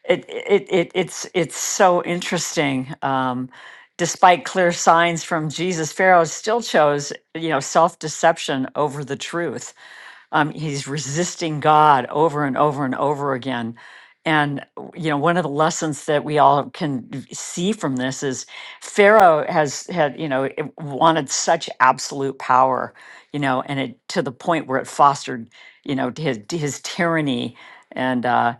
Speaker 3: it, it, it it's it's so interesting. Um, despite clear signs from Jesus, Pharaoh still chose, you know, self-deception over the truth. Um, he's resisting God over and over and over again. And you know, one of the lessons that we all can see from this is Pharaoh has had, you know, it wanted such absolute power, you know, and it to the point where it fostered, you know, his his tyranny. And uh,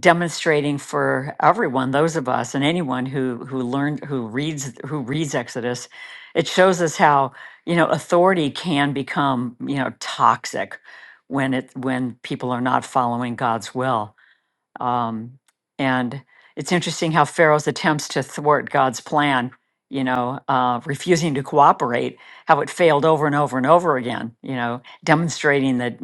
Speaker 3: demonstrating for everyone those of us and anyone who who learned who reads who reads exodus it shows us how you know authority can become you know toxic when it when people are not following god's will um, and it's interesting how Pharaoh's attempts to thwart God's plan, you know, uh, refusing to cooperate, how it failed over and over and over again, you know, demonstrating that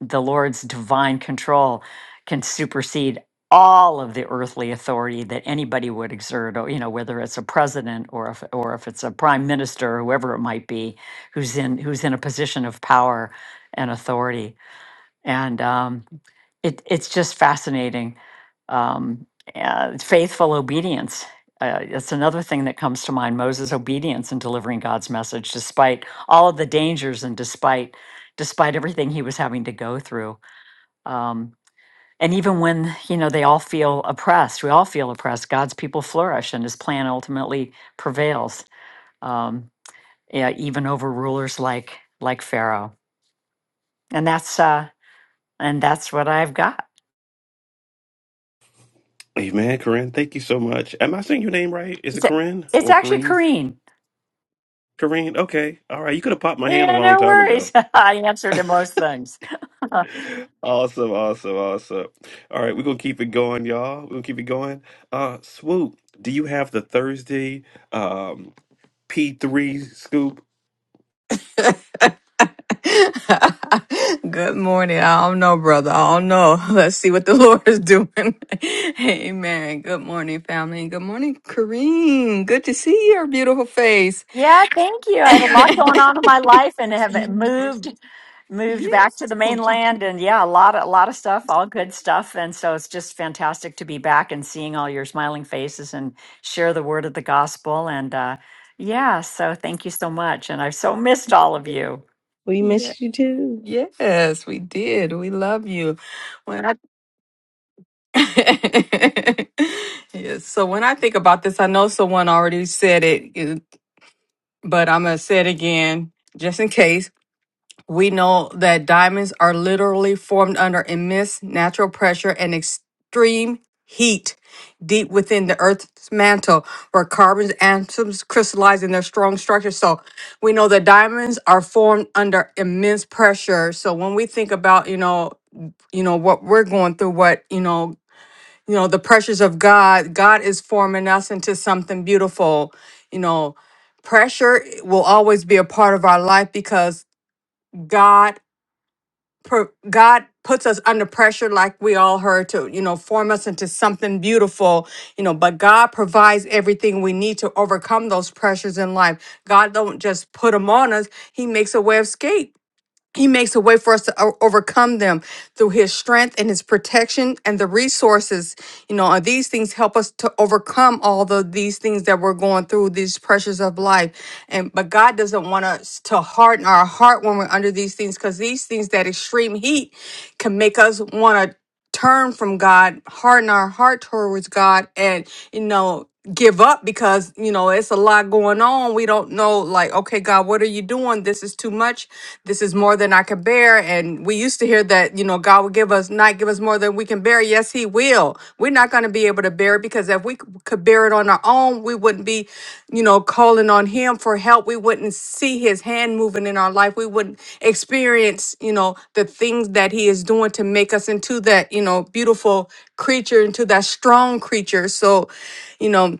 Speaker 3: the Lord's divine control can supersede all of the earthly authority that anybody would exert, or, you know, whether it's a president or if, or if it's a prime minister, whoever it might be, who's in who's in a position of power and authority. And um, it it's just fascinating. Um, uh, faithful obedience. Uh, it's another thing that comes to mind. Moses' obedience in delivering God's message, despite all of the dangers and despite despite everything he was having to go through. Um, and even when you know they all feel oppressed, we all feel oppressed. God's people flourish, and His plan ultimately prevails, um, yeah, even over rulers like like Pharaoh. And that's uh, and that's what I've got.
Speaker 1: Hey man, Corinne, thank you so much. Am I saying your name right? Is it
Speaker 3: It's,
Speaker 1: Corinne
Speaker 3: it's
Speaker 1: or
Speaker 3: actually
Speaker 1: Corinne?
Speaker 3: Kareen.
Speaker 1: Corinne, okay, all right. You could have popped my hand a
Speaker 3: Yeah,
Speaker 1: long
Speaker 3: no
Speaker 1: time ago.
Speaker 3: worries. (laughs) I answer to most things. (laughs)
Speaker 1: Awesome, awesome, awesome. All right, we're gonna keep it going, y'all. We're gonna keep it going. Uh Swoop, do you have the Thursday um P3 scoop?
Speaker 9: (laughs) Good morning. I don't know, brother. I don't know. (laughs) Let's see what the (laughs) Lord is doing. (laughs) Amen. Good morning, family. Good morning, Kareem. Good to see your beautiful face.
Speaker 3: Yeah, thank you. I had a lot
Speaker 9: (laughs)
Speaker 3: going on in my life and have moved moved
Speaker 9: Yeah.
Speaker 3: back to the mainland and yeah, a lot a lot of stuff, all good stuff. And so it's just fantastic to be back and seeing all your smiling faces and share the word of the gospel and uh yeah, so thank you so much and I've so missed all of you.
Speaker 10: We missed you too.
Speaker 9: Yeah. Yes, we did. We love you. When I (laughs) yes, so when I think about this, I know someone already said it, it- but I'm gonna say it again just in case. We know that diamonds are literally formed under immense natural pressure and extreme heat deep within the Earth's mantle, where carbon atoms crystallize in their strong structure. So we know that diamonds are formed under immense pressure. So when we think about, you know, you know what we're going through what you know you know the pressures of god god is forming us into something beautiful you know pressure will always be a part of our life because god per, God puts us under pressure, like we all heard, to you know form us into something beautiful, you know. But God provides everything we need to overcome those pressures in life. God don't just put them on us; He makes a way of escape he makes a way for us to o- overcome them through his strength and his protection and the resources. You know, and these things help us to overcome all the these things that we're going through, these pressures of life. And but God doesn't want us to harden our heart when we're under these things because these things, that extreme heat, can make us want to turn from God, harden our heart towards God, and you know, give up because you know it's a lot going on. We don't know, like, okay, God, what are you doing? This is too much. This is more than I can bear. And we used to hear that, you know, God will give us not give us more than we can bear. Yes, He will. We're not going to be able to bear it because if we c- could bear it on our own, we wouldn't be, you know, calling on Him for help. We wouldn't see His hand moving in our life. We wouldn't experience, you know, the things that He is doing to make us into that, you know, beautiful creature, into that strong creature. So, you know,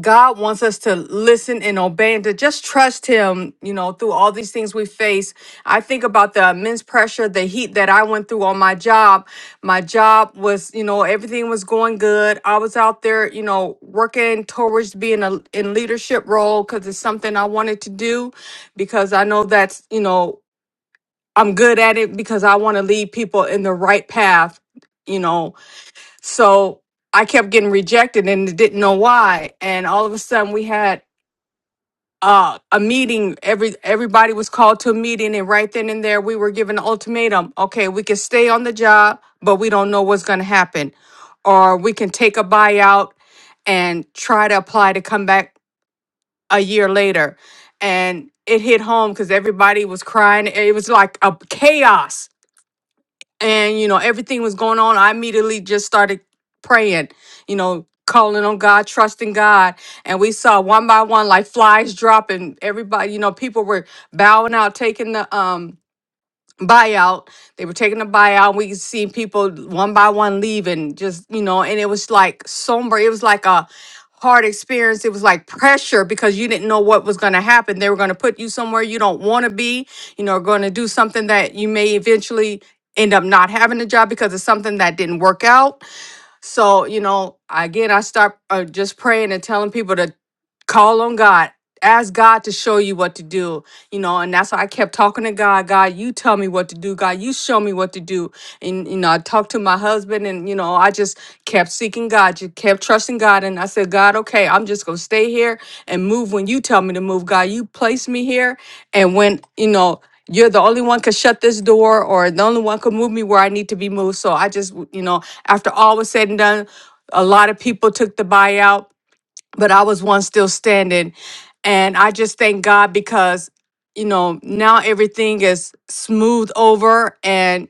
Speaker 9: God wants us to listen and obey and to just trust Him, you know, through all these things we face. I think about the immense pressure, the heat that I went through on my job. My job was, you know, everything was going good. I was out there, you know, working towards being a in leadership role because it's something I wanted to do because I know that's, you know, I'm good at it because I want to lead people in the right path, you know so I kept getting rejected and didn't know why. And all of a sudden we had uh, a meeting. Every everybody was called to a meeting, and right then and there we were given an ultimatum. Okay, we can stay on the job, but we don't know what's going to happen, or we can take a buyout and try to apply to come back a year later. And it hit home because everybody was crying. It was like a chaos and you know everything was going on i immediately just started praying you know calling on god trusting god and we saw one by one like flies dropping everybody you know people were bowing out taking the um buyout. They were taking a buyout. We could see people one by one leaving, just, you know, and it was like somber. It was like a hard experience. It was like pressure because you didn't know what was going to happen. They were going to put you somewhere you don't want to be, you know, going to do something that you may eventually end up not having a job because it's something that didn't work out so, you know, again, I start uh, just praying and telling people to call on God. Ask God to show you what to do, you know, and that's why I kept talking to God. God, you tell me what to do. God, you show me what to do. And, you know, I talked to my husband and, you know, I just kept seeking God, just kept trusting God. And I said, God, okay, I'm just going to stay here and move when you tell me to move. God, you place me here. And when, you know, you're the only one could shut this door or the only one could move me where I need to be moved. So I just, w- you know, after all was said and done, a lot of people took the buyout, but I was one still standing. And I just thank God because, you know, now everything is smooth over. and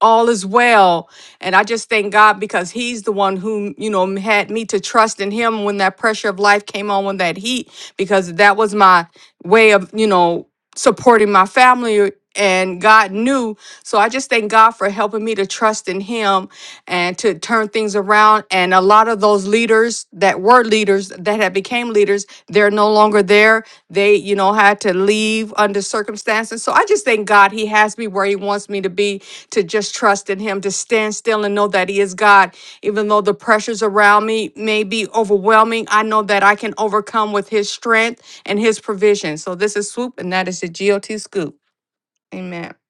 Speaker 9: all is well. And I just thank God because He's the one who, you know, had me to trust in Him when that pressure of life came on, when that heat, because that was my way of, you know, supporting my family. And God knew. So I just thank God for helping me to trust in Him and to turn things around. And a lot of those leaders that were leaders that had became leaders, they're no longer there. They, you know, had to leave under circumstances. So I just thank God He has me where He wants me to be to just trust in him, to stand still and know that he is God. Even though the pressures around me may be overwhelming, I know that I can overcome with his strength and his provision. So this is Swoop, and that is the GOT Scoop. Amen. (laughs)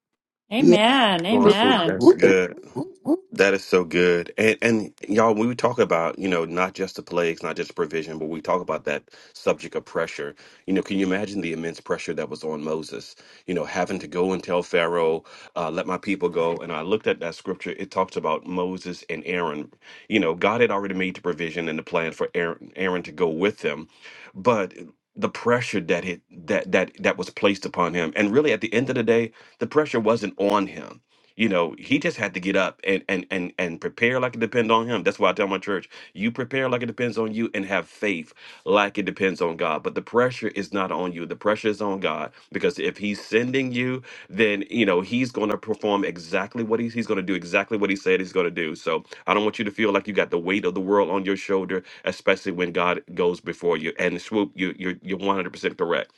Speaker 5: Yeah.
Speaker 3: Amen.
Speaker 1: Going swoop.
Speaker 3: Amen.
Speaker 1: That's
Speaker 2: Whoop, whoop,
Speaker 1: good.
Speaker 2: whoop, whoop.
Speaker 1: That is so good. And and y'all, when we talk about, you know, not just the plagues, not just provision, but we talk about that subject of pressure. You know, can you imagine the immense pressure that was on Moses? You know, having to go and tell Pharaoh, uh, let my people go. And I looked at that scripture, it talks about Moses and Aaron. You know, God had already made the provision and the plan for Aaron, Aaron to go with them. But the pressure that it that that that was placed upon him. And really at the end of the day, the pressure wasn't on him you know, he just had to get up and and and and prepare like it depends on him. That's why I tell my church, you prepare like it depends on you and have faith like it depends on God. But the pressure is not on you. The pressure is on God because if he's sending you, then, you know, he's going to perform exactly what he's, he's going to do exactly what he said he's going to do. So, I don't want you to feel like you got the weight of the world on your shoulder, especially when God goes before you. And swoop, you you're you're 100% correct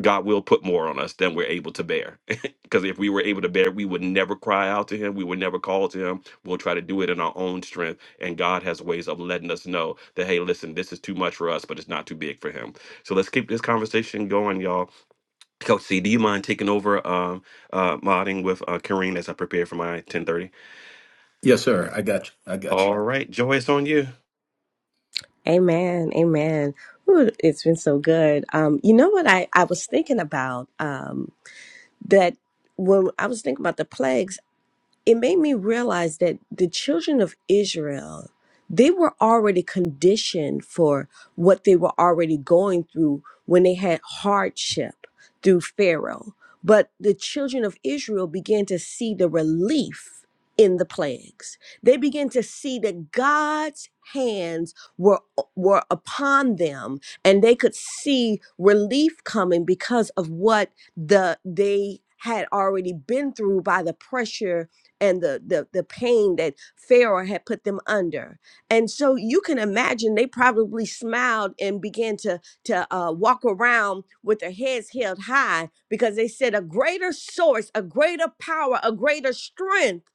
Speaker 1: God will put more on us than we're able to bear. (laughs) Because if we were able to bear, we would never cry out to Him. We would never call to Him. We'll try to do it in our own strength. And God has ways of letting us know that, hey, listen, this is too much for us, but it's not too big for Him. So let's keep this conversation going, y'all. Coach C, do you mind taking over um, uh, modding with uh, Kareen as I prepare for my 1030?
Speaker 2: Yes, sir. I got you. I got
Speaker 1: All right, Joy, it's on you.
Speaker 10: Amen. Amen. Ooh, it's been so good. Um, you know what I, I was thinking about? Um, that when I was thinking about the plagues, it made me realize that the children of Israel, they were already conditioned for what they were already going through when they had hardship through Pharaoh. But the children of Israel began to see the relief in the plagues. They began to see that God's hands were were upon them and they could see relief coming because of what the they had already been through by the pressure and the, the the pain that Pharaoh had put them under. And so you can imagine they probably smiled and began to to uh, walk around with their heads held high because they said a greater source, a greater power, a greater strength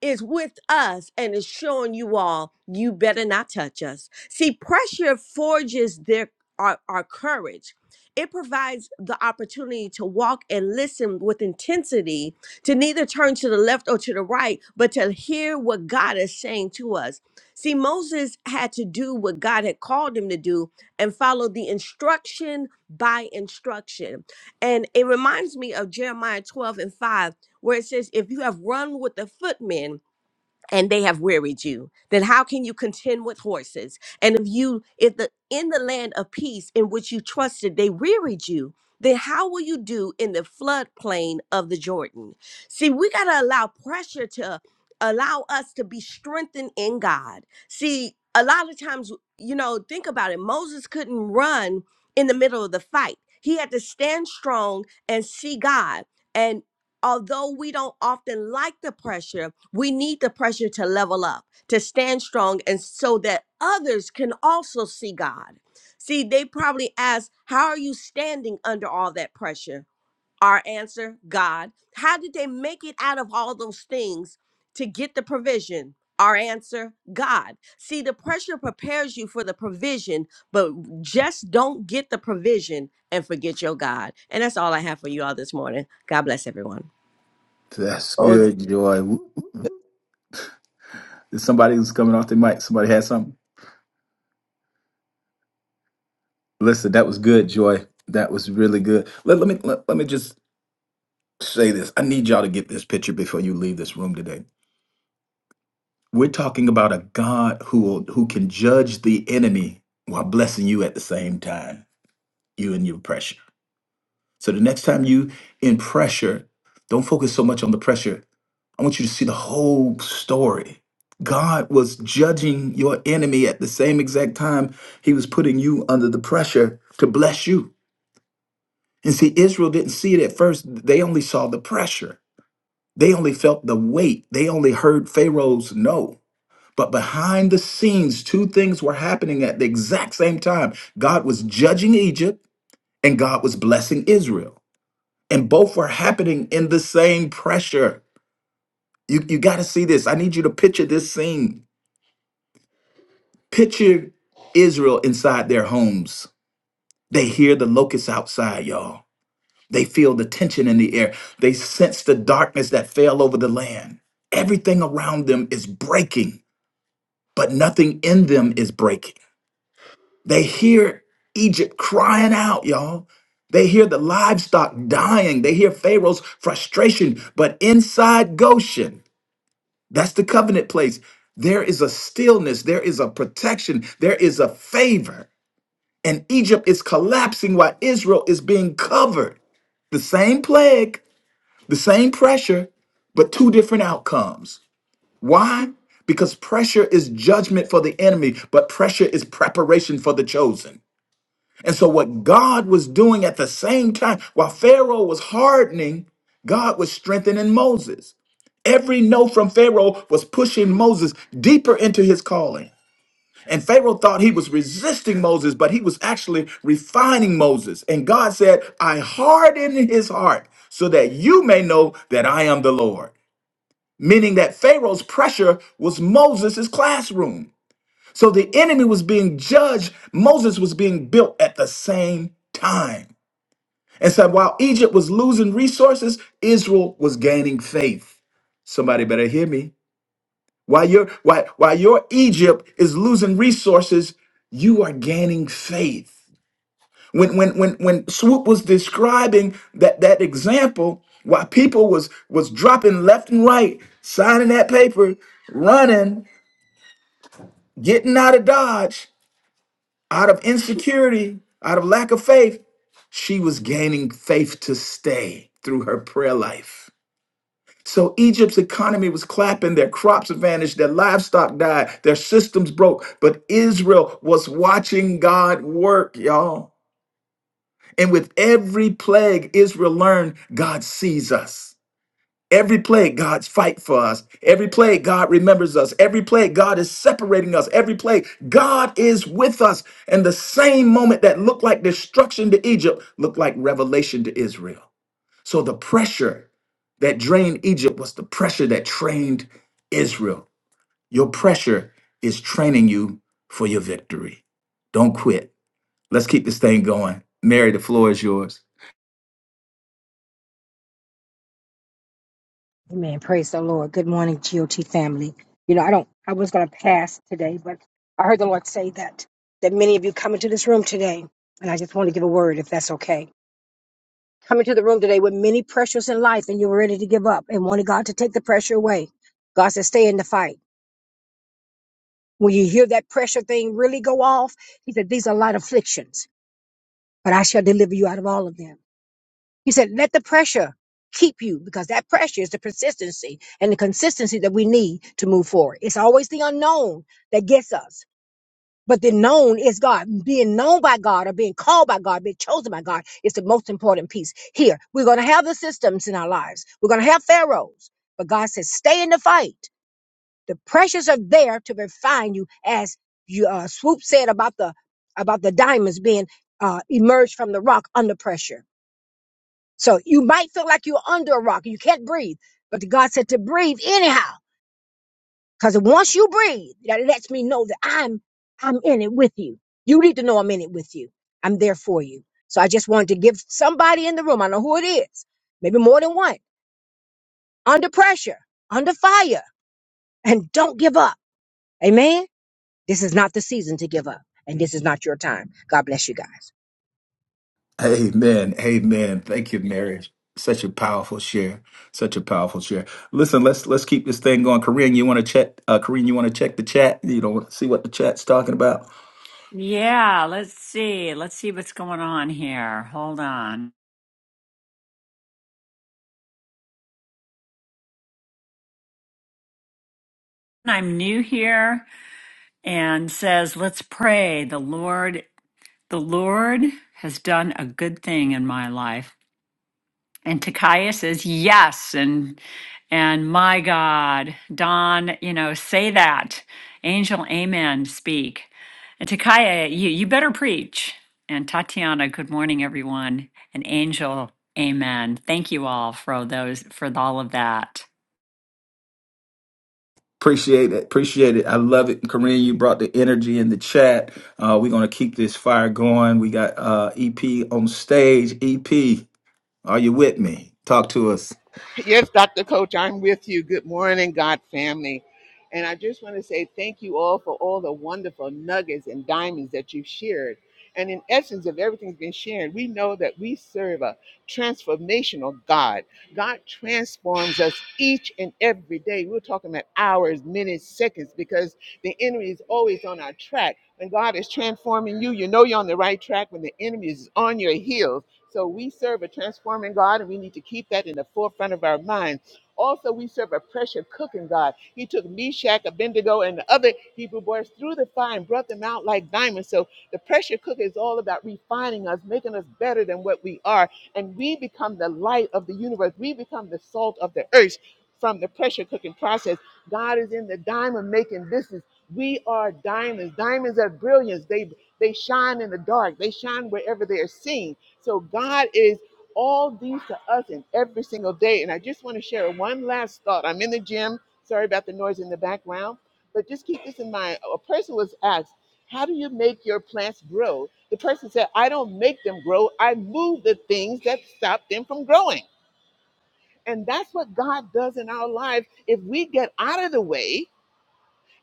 Speaker 10: is with us and is showing you all you better not touch us. See, pressure forges their our, our courage. It provides the opportunity to walk and listen with intensity to neither turn to the left or to the right, but to hear what God is saying to us. See, Moses had to do what God had called him to do and follow the instruction by instruction. And it reminds me of Jeremiah 12 and 5, where it says, If you have run with the footmen, and they have wearied you then how can you contend with horses and if you if the in the land of peace in which you trusted they wearied you then how will you do in the floodplain of the jordan see we got to allow pressure to allow us to be strengthened in god see a lot of times you know think about it moses couldn't run in the middle of the fight he had to stand strong and see god although we don't often like the pressure, we need the pressure to level up, to stand strong, and so that others can also see God. See, they probably ask, How are you standing under all that pressure? Our answer, God. How did they make it out of all those things to get the provision? Our answer, God. See, the pressure prepares you for the provision, but just don't get the provision and forget your God. And that's all I have for you all this morning. God bless everyone.
Speaker 2: you. That's
Speaker 5: Hold
Speaker 2: good, Joy. Woo. Is Somebody who's coming off the mic. Somebody had something. Listen, that was good, Joy. That was really good. Let, let me let, let me just say this. I need y'all to get this picture before you leave this room today. We're talking about a God who will, who can judge the enemy while blessing you at the same time. You and your pressure. So the next time you in pressure, don't focus so much on the pressure. I want you to see the whole story. God was judging your enemy at the same exact time he was putting you under the pressure to bless you. And see, Israel didn't see it at first. They only saw the pressure. They only felt the weight. They only heard Pharaoh's no. But behind the scenes, two things were happening at the exact same time. God was judging Egypt and God was blessing Israel. and both were happening in the same pressure. You, you got to see this. I need you to picture this scene. Picture Israel inside their homes. They hear the locusts outside, y'all. They feel the tension in the air. They sense the darkness that fell over the land. Everything around them is breaking, but nothing in them is breaking. They hear Egypt crying out, y'all. They hear the livestock dying. They hear Pharaoh's frustration, but inside Goshen, That's the covenant place. There is a stillness, there is a protection, there is a favor. And Egypt is collapsing while Israel is being covered. The same plague, the same pressure, but two different outcomes. Why? Because pressure is judgment for the enemy, but pressure is preparation for the chosen. And so, what God was doing at the same time, while Pharaoh was hardening, God was strengthening Moses. Every no from Pharaoh was pushing Moses deeper into his calling. And Pharaoh thought he was resisting Moses, but he was actually refining Moses. And God said, I harden his heart so that you may know that I am the Lord. Meaning that Pharaoh's pressure was Moses' classroom. So the enemy was being judged, Moses was being built at the same time. And so while Egypt was losing resources, Israel was gaining faith. Somebody better hear me. While your while, while your Egypt is losing resources, you are gaining faith. When when when when Swoop was describing that that example, while people was was dropping left and right, signing that paper, running, getting out of Dodge, out of insecurity, out of lack of faith, she was gaining faith to stay through her prayer life. So Egypt's economy was clapping, their crops vanished, their livestock died, their systems broke. But Israel was watching God work, y'all. And with every plague, Israel learned God sees us. Every plague, God's fight for us. Every plague, God remembers us. Every plague, God is separating us. Every plague, God is with us. And the same moment that looked like destruction to Egypt looked like revelation to Israel. So the pressure that drained Egypt was the pressure that trained Israel. Your pressure is training you for your victory. Don't quit. Let's keep this thing going. Mary, the floor is yours.
Speaker 11: Amen. Praise the Lord. Good morning, GOT family. You know, I don't, I was going to pass today, but I heard the Lord say that, that many of you come into this room today, and I just want to give a word if that's okay. Come into the room today with many pressures in life and you were ready to give up and wanted God to take the pressure away. God said, stay in the fight. When you hear that pressure thing really go off, He said, these are light afflictions, but I shall deliver you out of all of them. He said, let the pressure keep you because that pressure is the persistency and the consistency that we need to move forward. It's always the unknown that gets us. But the known is God. Being known by God or being called by God, being chosen by God is the most important piece. Here, we're going to have the systems in our lives. We're going to have pharaohs. But God says, stay in the fight. The pressures are there to refine you as you, uh, Swoop said about the, about the diamonds being, uh, emerged from the rock under pressure. So you might feel like you're under a rock and you can't breathe, but God said to breathe anyhow. Because once you breathe, that lets me know that I'm I'm in it with you. You need to know I'm in it with you. I'm there for you. So I just wanted to give somebody in the room, I know who it is, maybe more than one, under pressure, under fire, and don't give up. Amen. This is not the season to give up, and this is not your time. God bless you guys.
Speaker 2: Amen. Amen. Thank you, Mary. Such a powerful share. Such a powerful share. Listen, let's let's keep this thing going. Korean, you want to check? Uh, Korean, you want to check the chat? You know, see what the chat's talking about.
Speaker 3: Yeah, let's see. Let's see what's going on here. Hold on. I'm new here. and says, Let's pray. The Lord, the Lord has done a good thing in my life. And Takaya says, Yes. And and my God, Don, you know, say that. Angel, amen, speak. And Takaya, you, you better preach. And Tatiana, good morning, everyone. And Angel, amen. Thank you all for those for all of that.
Speaker 2: Appreciate it. Appreciate it. I love it. Corinne, you brought the energy in the chat. Uh, we're going to keep this fire going. We got uh, EP on stage. EP, are you with me? Talk to us.
Speaker 12: Yes, Dr. Coach, I'm with you. Good morning, God family. And I just want to say thank you all for all the wonderful nuggets and diamonds that you've shared. And in essence of everything's been shared, we know that we serve a transformational God. God transforms us each and every day. We're talking about hours, minutes, seconds, because the enemy is always on our track. When God is transforming you, you know you're on the right track. When the enemy is on your heels, so we serve a transforming God, and we need to keep that in the forefront of our mind. Also, we serve a pressure cooking God. He took Meshach, Abednego, and the other Hebrew boys through the fire and brought them out like diamonds. So the pressure cooker is all about refining us, making us better than what we are. And we become the light of the universe. We become the salt of the earth from the pressure cooking process. God is in the diamond making business. We are diamonds. Diamonds are brilliance. They they shine in the dark. They shine wherever they are seen. So God is all these to us in every single day. And I just want to share one last thought. I'm in the gym. Sorry about the noise in the background, but just keep this in mind. A person was asked, How do you make your plants grow? The person said, I don't make them grow, I move the things that stop them from growing. And that's what God does in our lives. If we get out of the way,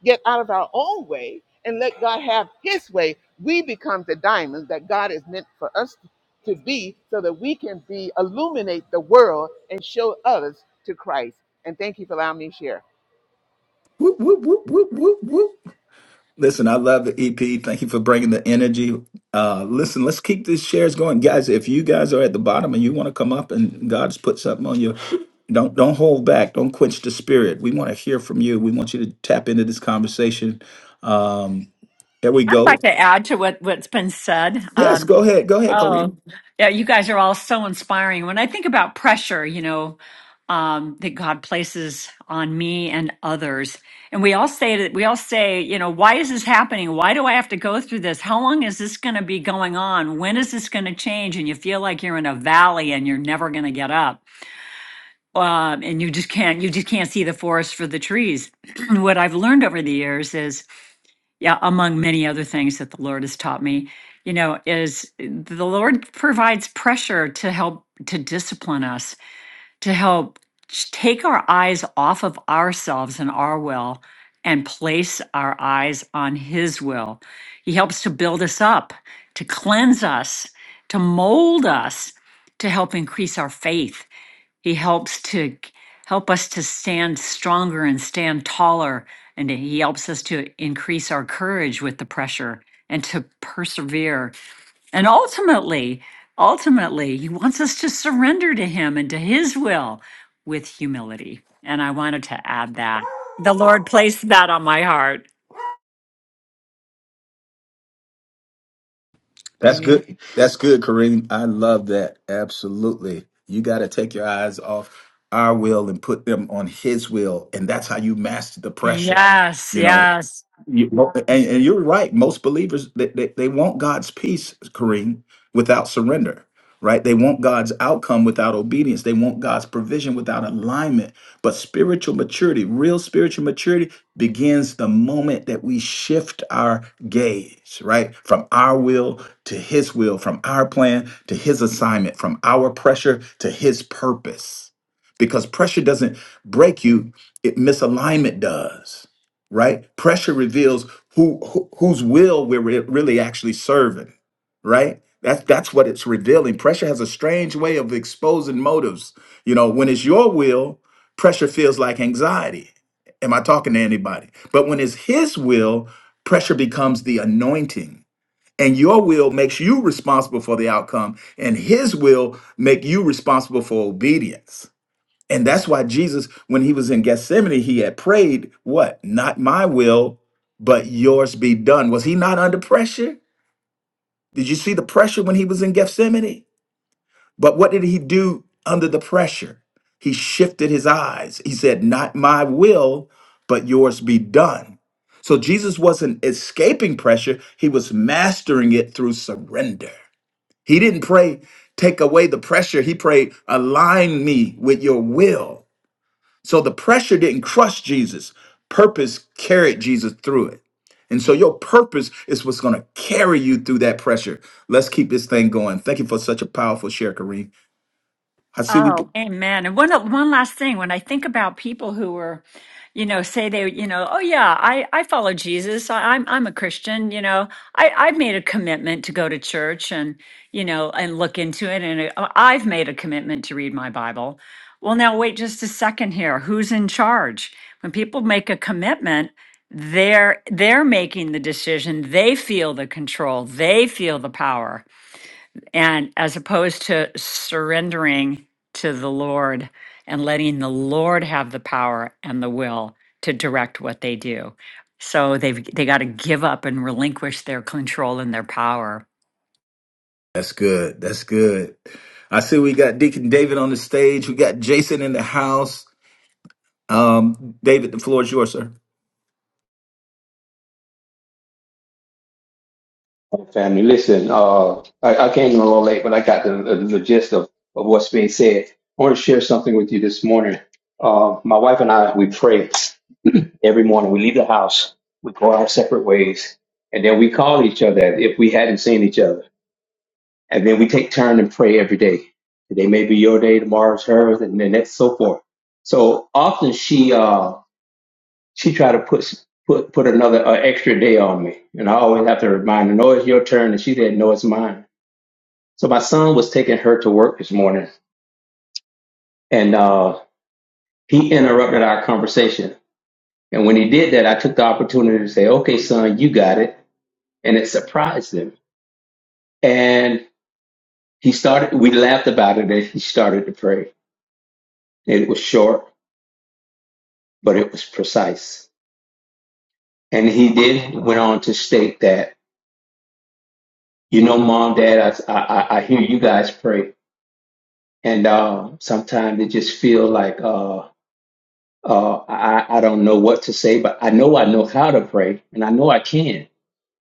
Speaker 12: get out of our own way and let God have his way, we become the diamonds that God is meant for us to be so that we can be illuminate the world and show others to Christ. And thank you for allowing me to share.
Speaker 2: Whoop, whoop, whoop, whoop, whoop, whoop. Listen, I love the EP. Thank you for bringing the energy. Uh, listen, let's keep these shares going, guys. If you guys are at the bottom and you want to come up, and God's put something on you, don't don't hold back. Don't quench the spirit. We want to hear from you. We want you to tap into this conversation. Um, there we
Speaker 3: I'd
Speaker 2: go.
Speaker 3: like to add to what, what's been said.
Speaker 2: Yes,
Speaker 3: um,
Speaker 2: go ahead. Go ahead, Kareem.
Speaker 3: Oh, yeah, you guys are all so inspiring. When I think about pressure, you know, um, that God places on me and others, and we all say that we all say, you know, why is this happening? Why do I have to go through this? How long is this going to be going on? When is this going to change? And you feel like you're in a valley and you're never going to get up, um, and you just can't, you just can't see the forest for the trees. (clears throat) what I've learned over the years is yeah, among many other things that the Lord has taught me, you know, is the Lord provides pressure to help to discipline us, to help sh- take our eyes off of ourselves and our will and place our eyes on His will. He helps to build us up, to cleanse us, to mold us, to help increase our faith he helps to help us to stand stronger and stand taller. And he helps us to increase our courage with the pressure and to persevere. And ultimately, ultimately, he wants us to surrender to him and to his will with humility. And I wanted to add that. The Lord placed that on my heart.
Speaker 2: That's
Speaker 10: Amen.
Speaker 2: good. That's good, Kareem. I love that. Absolutely. You got to take your eyes off our will and put them on his will. And that's how you master the pressure.
Speaker 3: Yes,
Speaker 2: You know,
Speaker 3: yes.
Speaker 2: you, mo- and, and you're right. Most believers they, they, they want God's peace, Kareem, without surrender. Right? They want God's outcome without obedience. They want God's provision without alignment. But spiritual maturity, real spiritual maturity, begins the moment that we shift our gaze, right? From our will to His will, from our plan to His assignment, from our pressure to His purpose. Because pressure doesn't break you, it misalignment does right? Pressure reveals who, who whose will we're re- really actually serving, right? That's that's what it's revealing. Pressure has a strange way of exposing motives. You know, when it's your will, pressure feels like anxiety. Am I talking to anybody? But when it's his will, pressure becomes the anointing. And your will makes you responsible for the outcome, and his will make you responsible for obedience and that's why Jesus, when he was in Gethsemane, he had prayed, What? Not my will, but yours be done. Was he not under pressure? Did you see the pressure when he was in Gethsemane? But what did he do under the pressure? He shifted his eyes. He said, Not my will, but yours be done. So Jesus wasn't escaping pressure, he was mastering it through surrender. He didn't pray, Take away the pressure. He prayed, Align me with your will. So the pressure didn't crush Jesus. Purpose carried Jesus through it. And so your purpose is what's going to carry you through that pressure. Let's keep this thing going. Thank you for such a powerful share, Kareem. I see we.
Speaker 3: Oh, amen. And one one last thing, when I think about people who were, you know, say they, you know, oh yeah, I I follow Jesus. I, I'm I'm a Christian. You know, I I've made a commitment to go to church and you know and look into it, and uh, I've made a commitment to read my Bible. Well, now wait just a second here. Who's in charge? When people make a commitment, they're they're making the decision. They feel the control. They feel the power and as opposed to surrendering to the Lord and letting the Lord have the power and the will to direct what they do. So they've they got to give up and relinquish their control and their power.
Speaker 2: That's good. That's good. I see we got Deacon David on the stage. We got Jason in the house. Um, David, the floor is yours, sir.
Speaker 13: Hey, Family, listen, uh, I, I came in a little late, but I got the, the, the gist of, of what's being said. I want to share something with you this morning. Uh, my wife and I, we pray every morning. We leave the house, we go our separate ways, and then we call each other as if we hadn't seen each other. And then we take turn and pray every day. Today may be your day, tomorrow's hers, and then that's so forth. So often she, uh, she tried to put, put, put another uh, extra day on me. And I always have to remind her, no, it's your turn. And she said, no, it's mine. So my son was taking her to work this morning, and uh, he interrupted our conversation. And when he did that, I took the opportunity to say, "Okay, son, you got it," and it surprised him. And he started. We laughed about it, and he started to pray. And it was short, but it was precise. And he did went on to state that, you know, mom, dad, I I, I hear you guys pray, and uh, sometimes it just feel like. Uh, Uh, I, I don't know what to say, but I know I know how to pray, and I know I can.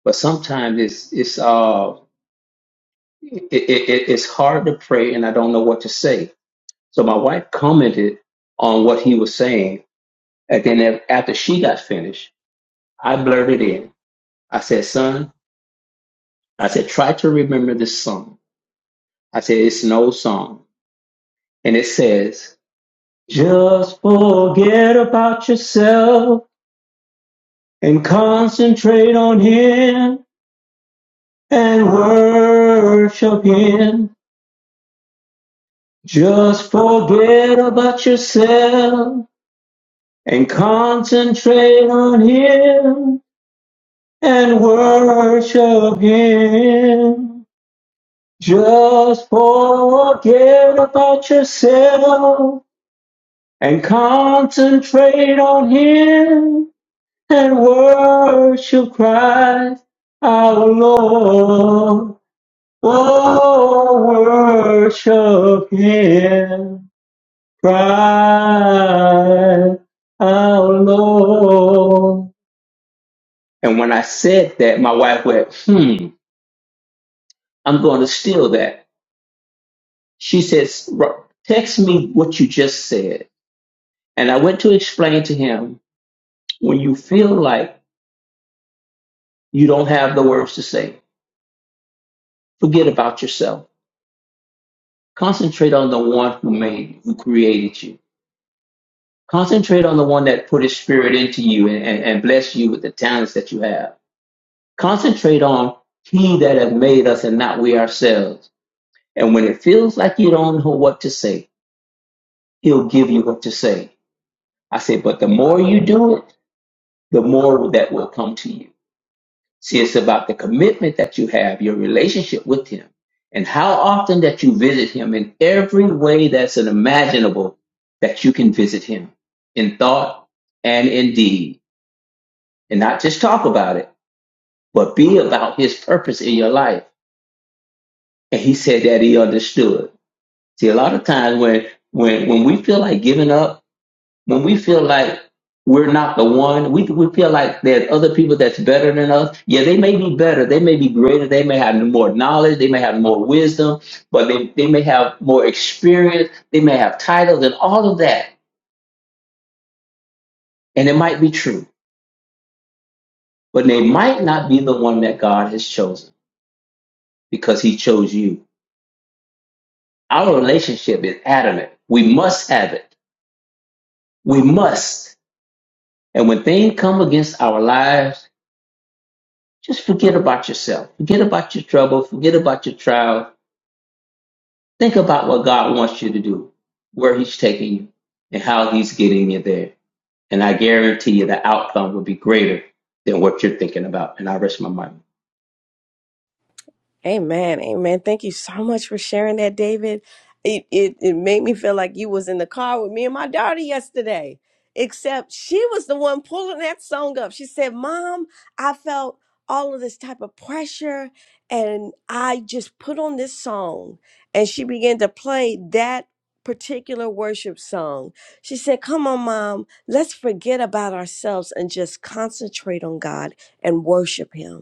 Speaker 13: But sometimes it's it's uh it, it, it- it's hard to pray, and I don't know what to say. So my wife commented on what he was saying, and then a- after she got finished, I blurted in. I said, "Son, I said try to remember this song. I said it's an old song, and it says." Just forget about yourself and concentrate on him. and worship Him. Just forget about yourself and concentrate on Him and worship Him. Just forget about yourself and concentrate on Him and worship Christ our Lord. Oh, worship Him, cry our Lord. And when I said that, my wife went, hmm, I'm going to steal that. She says, "Ro- text me what you just said. And I went to explain to him, when you feel like you don't have the words to say, forget about yourself. Concentrate on the one who made you, who created you Concentrate on the one that put his spirit into you and, and, and bless you with the talents that you have. Concentrate on he that have made us and not we ourselves. And when it feels like you don't know what to say, he'll give you what to say. I said, but the more you do it, the more that will come to you. See, it's about the commitment that you have, your relationship with him, and how often that you visit him in every way that's unimaginable that you can visit him in thought and in deed and not just talk about it, but be about his purpose in your life. And he said that he understood. See, a lot of times when when when we feel like giving up, when we feel like we're not the one, we we feel like there's other people that's better than us. Yeah, they may be better, they may be greater, they may have more knowledge, they may have more wisdom, but they, they may have more experience, they may have titles and all of that. And it might be true, but they might not be the one that God has chosen because he chose you Our relationship is adamant. We must have it. We must. And when things come against our lives, just forget about yourself. Forget about your trouble. Forget about your trial. Think about what God wants you to do, where He's taking you, and how He's getting you there. And I guarantee you the outcome will be greater than what you're thinking about. And I rest my mind.
Speaker 10: Amen. Amen. Thank you so much for sharing that, David. It, it it made me feel like you was in the car with me and my daughter yesterday. Except she was the one pulling that song up. She said, "Mom, I felt all of this type of pressure and I just put on this song." And she began to play that particular worship song. She said, "Come on, Mom, let's forget about ourselves and just concentrate on God and worship him."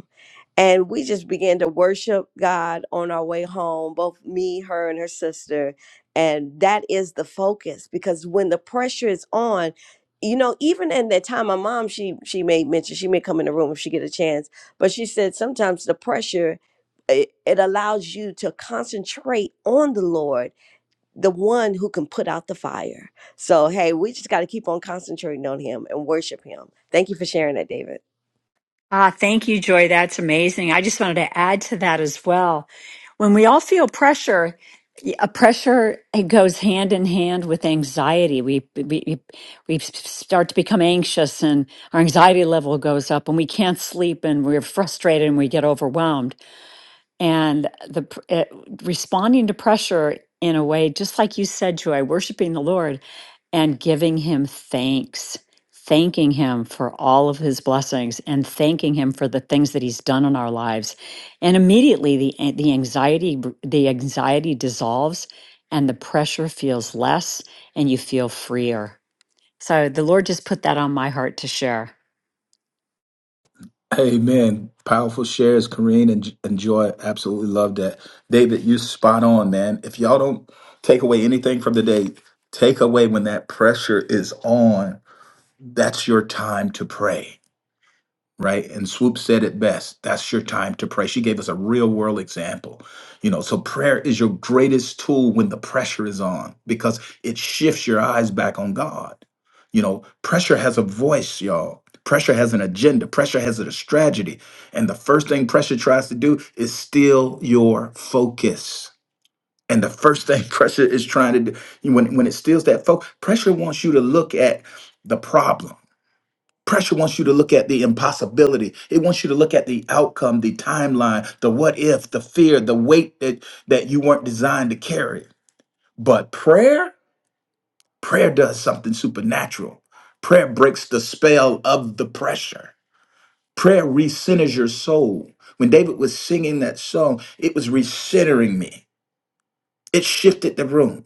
Speaker 10: and we just began to worship God on our way home, both me, her, and her sister. And that is the focus because when the pressure is on, you know, even in that time, my mom, she she made mention, she may come in the room if she get a chance, but she said sometimes the pressure it, it allows you to concentrate on the Lord, the one who can put out the fire. So hey, we just got to keep on concentrating on Him and worship Him. Thank you for sharing that, David.
Speaker 3: Ah, thank you, Joy. That's amazing. I just wanted to add to that as well. When we all feel pressure, a pressure it goes hand in hand with anxiety. We we we start to become anxious, and our anxiety level goes up, and we can't sleep, and we're frustrated, and we get overwhelmed and the pr- it, responding to pressure in a way just like you said joy worshiping the lord and giving him thanks thanking him for all of his blessings and thanking him for the things that he's done in our lives and immediately the a- the anxiety r- the anxiety dissolves and the pressure feels less and you feel freer so the lord just put that on my heart to share
Speaker 2: Amen. Powerful shares, Kareen and, and Joy. Absolutely love that. David, you spot on, man. If y'all don't take away anything from the day, take away when that pressure is on. That's your time to pray right? And Swoop said it best. That's your time to pray. She gave us a real world example. You know, so prayer is your greatest tool when the pressure is on because it shifts your eyes back on God. You know, pressure has a voice, y'all. Pressure has an agenda. Pressure has a strategy. And the first thing pressure tries to do is steal your focus. And the first thing (laughs) pressure is trying to do, when, when it steals that focus, pressure wants you to look at the problem Pressure wants you to look at the impossibility. It wants you to look at the outcome, the timeline, the what if, the fear, the weight that, that you weren't designed to carry. But prayer, prayer does something supernatural. Prayer breaks the spell of the pressure. Prayer recenters your soul. When David was singing that song, it was recentering me. It shifted the room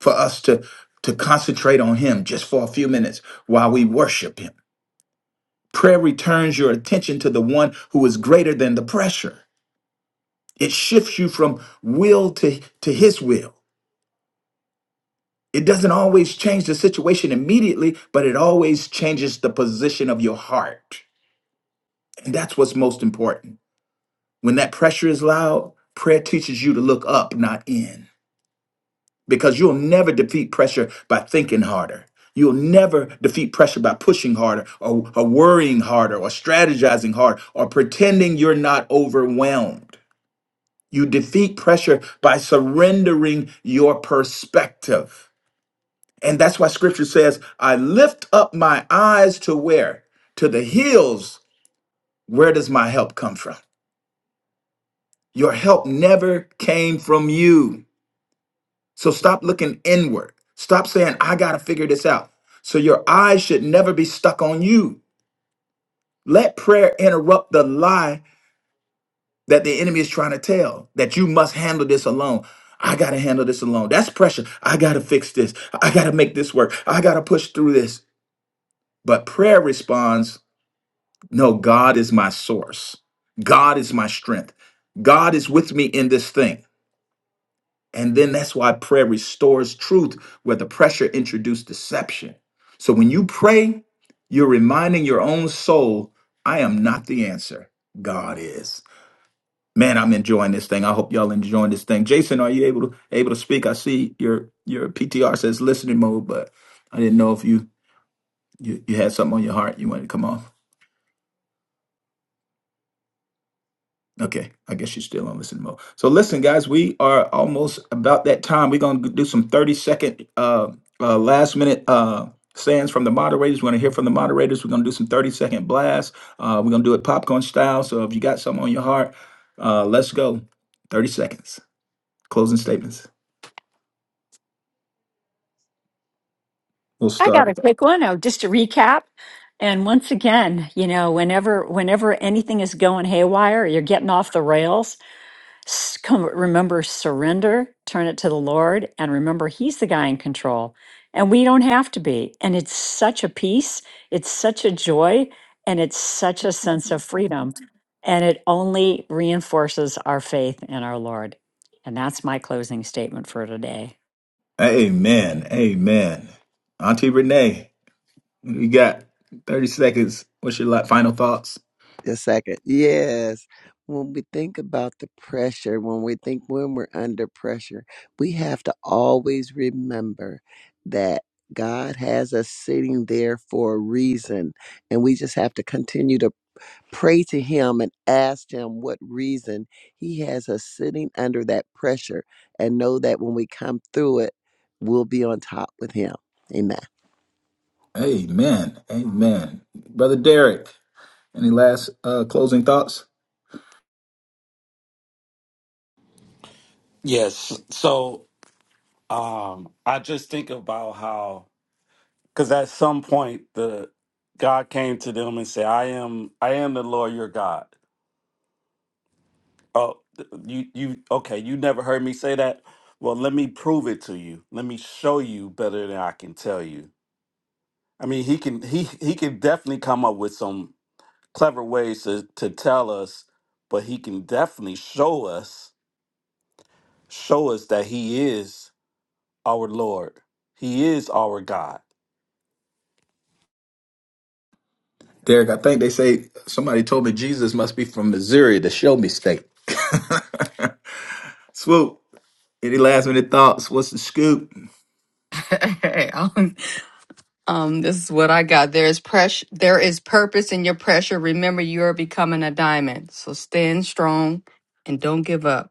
Speaker 2: for us to, to concentrate on him just for a few minutes while we worship him Prayer returns your attention to the one who is greater than the pressure. It shifts you from will to, to his will. It doesn't always change the situation immediately, but it always changes the position of your heart. And that's what's most important. When that pressure is loud, prayer teaches you to look up, not in, because you'll never defeat pressure by thinking harder. You'll never defeat pressure by pushing harder or, or worrying harder or strategizing harder or pretending you're not overwhelmed. You defeat pressure by surrendering your perspective. And that's why scripture says, I lift up my eyes to where? To the hills. Where does my help come from? Your help never came from you. So stop looking inward. Stop saying, I got to figure this out. So your eyes should never be stuck on you. Let prayer interrupt the lie that the enemy is trying to tell that you must handle this alone. I got to handle this alone. That's pressure. I got to fix this. I got to make this work. I got to push through this. But prayer responds no, God is my source. God is my strength. God is with me in this thing. And then that's why prayer restores truth where the pressure introduced deception. So when you pray, you're reminding your own soul, I am not the answer. God is. Man, I'm enjoying this thing. I hope y'all enjoying this thing. Jason, are you able to able to speak? I see your your PTR says listening mode, but I didn't know if you you, you had something on your heart you wanted to come off. Okay, I guess you're still on listening mode. So listen, guys, we are almost about that time. We're gonna do some 30 second uh, uh last minute uh stands from the moderators. We're gonna hear from the moderators. We're gonna do some 30 second blasts. Uh, we're gonna do it popcorn style. So if you got something on your heart, uh, let's go. 30 seconds. Closing statements. We'll
Speaker 3: I
Speaker 2: start
Speaker 3: got a quick one. Oh, just to recap. And once again, you know, whenever whenever anything is going haywire, you're getting off the rails. s- Come, remember, surrender, turn it to the Lord, and remember, He's the guy in control, and we don't have to be. And it's such a peace, it's such a joy, and it's such a sense of freedom, and it only reinforces our faith in our Lord. And that's my closing statement for today.
Speaker 2: Amen. Amen. Auntie Renee, you got 30 seconds. What's your la- final thoughts?
Speaker 5: a second. Yes. When we think about the pressure, when we think when we're under pressure, we have to always remember that God has us sitting there for a reason. And we just have to continue to pray to him and ask him what reason he has us sitting under that pressure and know that when we come through it, we'll be on top with him. Amen.
Speaker 2: Amen. Amen. Brother Derek, any last uh, closing thoughts?
Speaker 7: Yes. So um, I just think about how Because at some point, the God came to them and said, "I am, I am the Lord your God." Oh, th- you, you, okay? You never heard me say that. Well, let me prove it to you. Let me show you better than I can tell you. I mean, he can, he, he can definitely come up with some clever ways to to tell us, but he can definitely show us, show us that he is our Lord. He is our God.
Speaker 2: Derek, I think they say somebody told me Jesus must be from Missouri, the show me state. (laughs) Swoop, any last minute thoughts? What's the scoop?
Speaker 9: Hey, um, Um, this is what I got. There is pressure. There is purpose in your pressure. Remember, you are becoming a diamond. So stand strong and don't give up.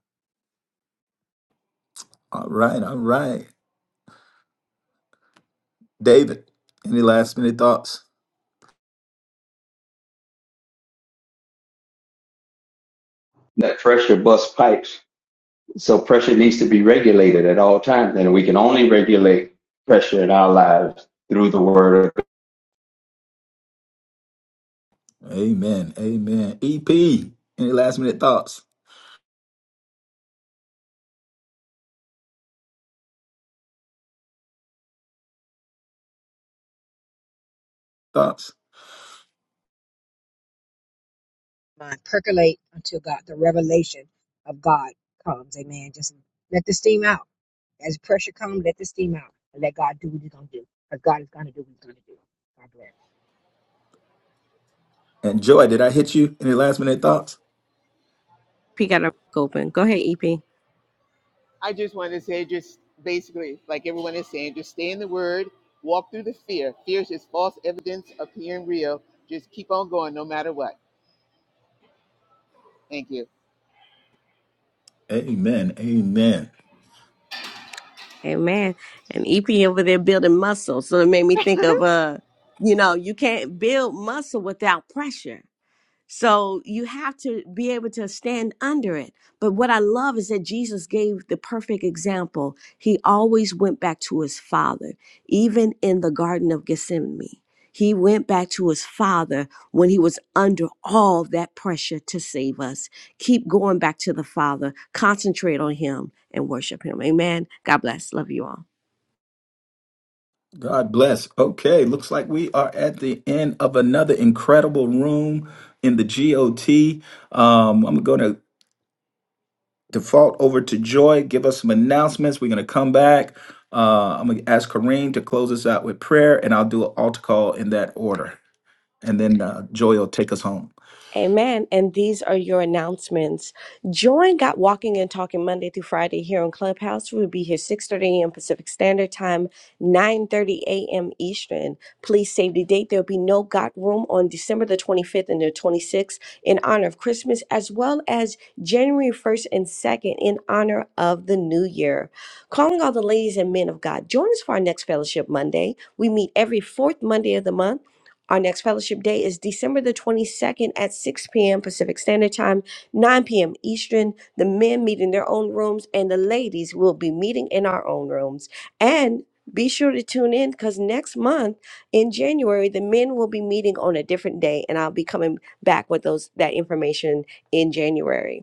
Speaker 2: All right. All right. David, any last minute thoughts?
Speaker 13: That pressure bust pipes. So pressure needs to be regulated at all times. And we can only regulate pressure in our lives through the word of
Speaker 2: Amen. Amen. EP, any last minute thoughts? Thoughts?
Speaker 11: Mind percolate until God, the revelation of God comes. Amen. Just let the steam out As pressure comes, let the steam out and let God do what He's gonna do. Because God is gonna do what He's gonna do. God bless.
Speaker 2: And Joy, did I hit you? Any last minute thoughts?
Speaker 10: EP got a mic open. Go ahead, EP.
Speaker 12: I just wanted to say just basically like everyone is saying, just stay in the word, walk through the fear. Fear is just false evidence appearing real. Just keep on going no matter what. Thank you.
Speaker 2: Amen. Amen.
Speaker 10: Amen. And EP over there building muscle. So it made me think of uh, you know, you can't build muscle without pressure. So you have to be able to stand under it. But what I love is that Jesus gave the perfect example. He always went back to his father, even in the Garden of Gethsemane. He went back to his father when he was under all that pressure to save us. Keep going back to the father, concentrate on him, and worship him. Amen. God bless. Love you all.
Speaker 2: God bless. Okay, looks like we are at the end of another incredible room in the GOT. Um, I'm going to default over to Joy, give us some announcements. We're going to come back. Uh, I'm going to ask Kareem to close us out with prayer, and I'll do an altar call in that order. And then uh, Joy will take us home.
Speaker 10: Amen. And these are your announcements. Join Got Walking and Talking Monday through Friday here on Clubhouse. We'll be here 6.30 a.m. Pacific Standard Time, 9.30 a.m. Eastern. Please save the date. There'll be no Got Room on December the 25th and the 26th in honor of Christmas, as well as January 1st and 2nd in honor of the New Year. Calling all the ladies and men of God, join us for our next Fellowship Monday. We meet every fourth Monday of the month. Our next fellowship day is December the 22nd at 6 p.m. Pacific Standard Time, 9 p.m. Eastern. The men meet in their own rooms, and the ladies will be meeting in our own rooms. And be sure to tune in because next month in January, the men will be meeting on a different day, and I'll be coming back with those that information in January.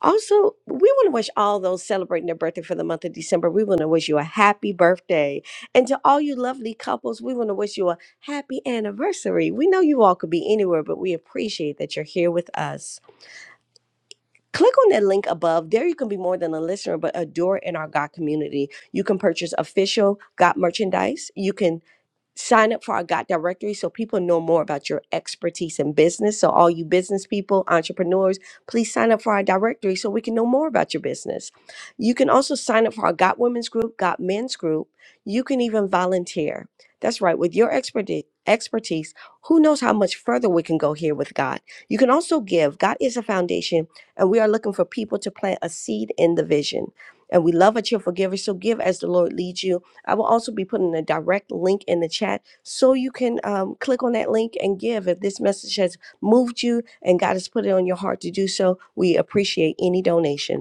Speaker 10: Also, we want to wish all those celebrating their birthday for the month of December. We want to wish you a happy birthday. And to all you lovely couples, we want to wish you a happy anniversary. We know you all could be anywhere, but we appreciate that you're here with us. Click on that link above. There you can be more than a listener, but a doer in our God community. You can purchase official God merchandise. You can sign up for our God directory so people know more about your expertise in business. So, all you business people, entrepreneurs, please sign up for our directory so we can know more about your business. You can also sign up for our Got Women's group, Got Men's group. You can even volunteer. That's right, with your expertise. Expertise, who knows how much further we can go here with God? You can also give. God is a foundation, and we are looking for people to plant a seed in the vision. And we love a cheerful giver, so give as the Lord leads you I will also be putting a direct link in the chat so you can um, click on that link and give. If this message has moved you and God has put it on your heart to do so, we appreciate any donation.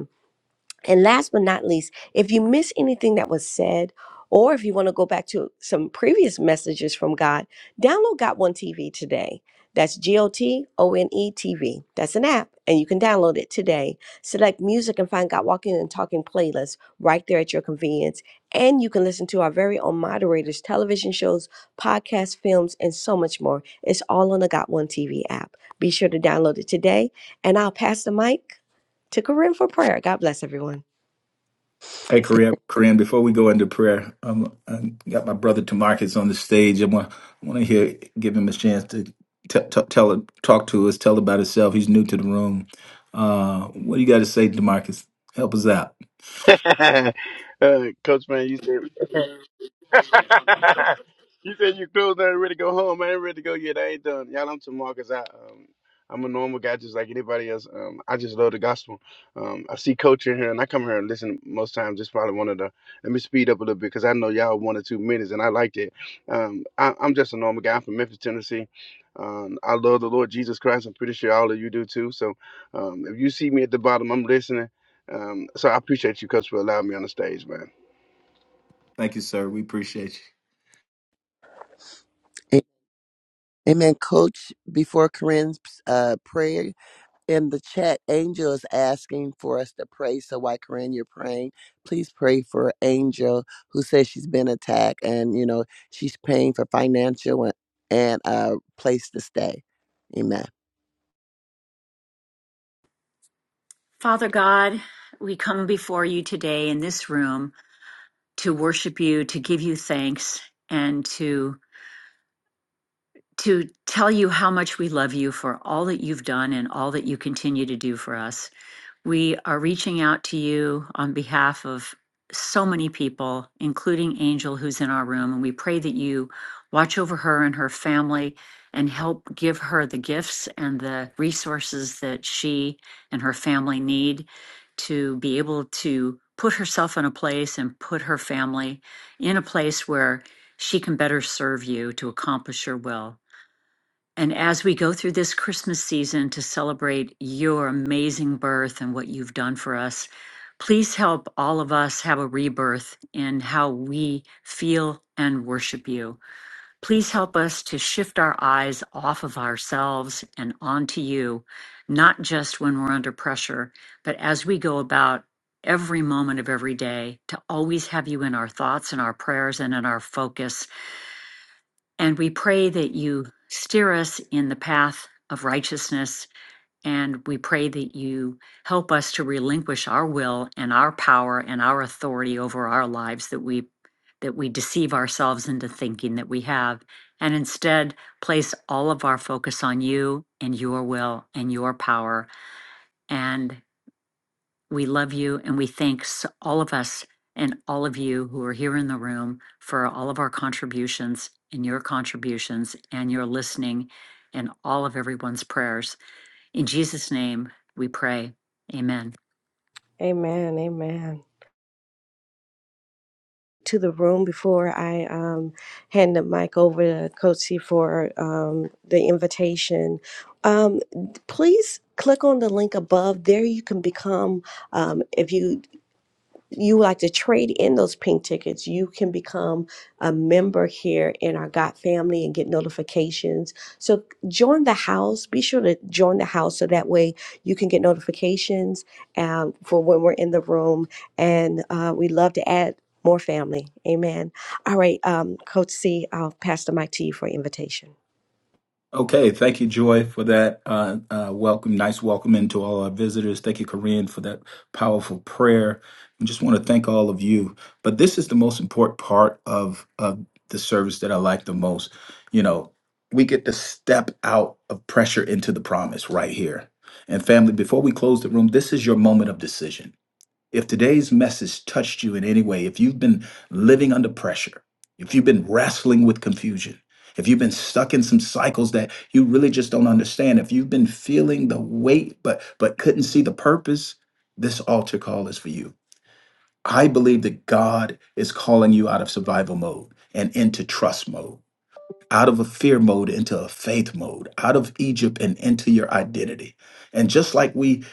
Speaker 10: And last but not least, if you miss anything that was said, or if you want to go back to some previous messages from God, download Got One TV today. That's G O T O N E TV. That's an app, and you can download it today. Select music and find God Walking and Talking playlist right there at your convenience. And you can listen to our very own moderators, television shows, podcasts, films, and so much more. It's all on the Got One TV app. Be sure to download it today, and I'll pass the mic to Corinne for prayer. God bless everyone.
Speaker 2: Hey,
Speaker 5: A-
Speaker 2: Kareem, Kareem, before we go into prayer, um, I got my brother Tamarcus on the stage. I want, I want to hear, give him a chance to t- t- tell, talk to us, tell about himself. He's new to the room. Uh, what do you got to say, Demarcus? Help us out.
Speaker 14: (laughs) uh, Coach man, you said (laughs) you said you close down ready to go home. I ain't ready to go yet. I ain't done. Y'all, I'm Tamarcus. I um I'm a normal guy just like anybody else. Um, I just love the gospel. Um, I see coach in here and I come here and listen most times. It's probably one of the let me speed up a little bit because I know y'all one or two minutes and I like that. Um, I, I'm just a normal guy. I'm from Memphis, Tennessee. Um, I love the Lord Jesus Christ. I'm pretty sure all of you do too. So um, if you see me at the bottom, I'm listening. Um, so I appreciate you, Coach, for allowing me on the stage, man.
Speaker 2: Thank you, sir. We appreciate you.
Speaker 5: a- Amen. Coach, before Corinne's uh, prayer in the chat, Angel is asking for us to pray. So while Corinne, you're praying, please pray for Angel who says she's been attacked and, you know, she's paying for financial and, and uh, place to stay. Amen.
Speaker 3: Father God, we come before you today in this room to worship you, to give you thanks, and to to tell you how much we love you for all that you've done and all that you continue to do for us. We are reaching out to you on behalf of so many people, including Angel, who's in our room. And we pray that you watch over her and her family and help give her the gifts and the resources that she and her family need to be able to put herself in a place and put her family in a place where she can better serve you to accomplish your will. And as we go through this Christmas season to celebrate your amazing birth and what you've done for us, please help all of us have a rebirth in how we feel and worship you. Please help us to shift our eyes off of ourselves and onto you, not just when we're under pressure, but as we go about every moment of every day to always have you in our thoughts and our prayers and in our focus and we pray that you steer us in the path of righteousness. And we pray that you help us to relinquish our will and our power and our authority over our lives that we that we deceive ourselves into thinking that we have and instead place all of our focus on you and your will and your power and we love you and we thanks all of us and all of you who are here in the room for all of our contributions and your contributions and your listening and all of everyone's prayers. In Jesus' name, we pray. Amen.
Speaker 10: Amen. Amen. To the room before I um, hand the mic over to Coach C for um, the invitation. Um, please click on the link above. There you can become, um, if you you like to trade in those pink tickets, you can become a member here in our God family and get notifications. So join the house. Be sure to join the house so that way you can get notifications um, for when we're in the room. And uh, we love to add more family. Amen. All right, um, Coach C, I'll pass the mic to you for invitation.
Speaker 2: Okay, thank you, Joy, for that uh, uh, welcome. Nice welcome into all our visitors. Thank you, Corinne, for that powerful prayer. I just want to thank all of you. But this is the most important part of, of the service that I like the most. You know, we get to step out of pressure into the promise right here. And family, before we close the room, this is your moment of decision. If today's message touched you in any way, if you've been living under pressure, if you've been wrestling with confusion, if you've been stuck in some cycles that you really just don't understand, if you've been feeling the weight but but couldn't see the purpose, this altar call is for you. I believe that God is calling you out of survival mode and into trust mode, out of a fear mode into a faith mode, out of Egypt and into your identity. And just like we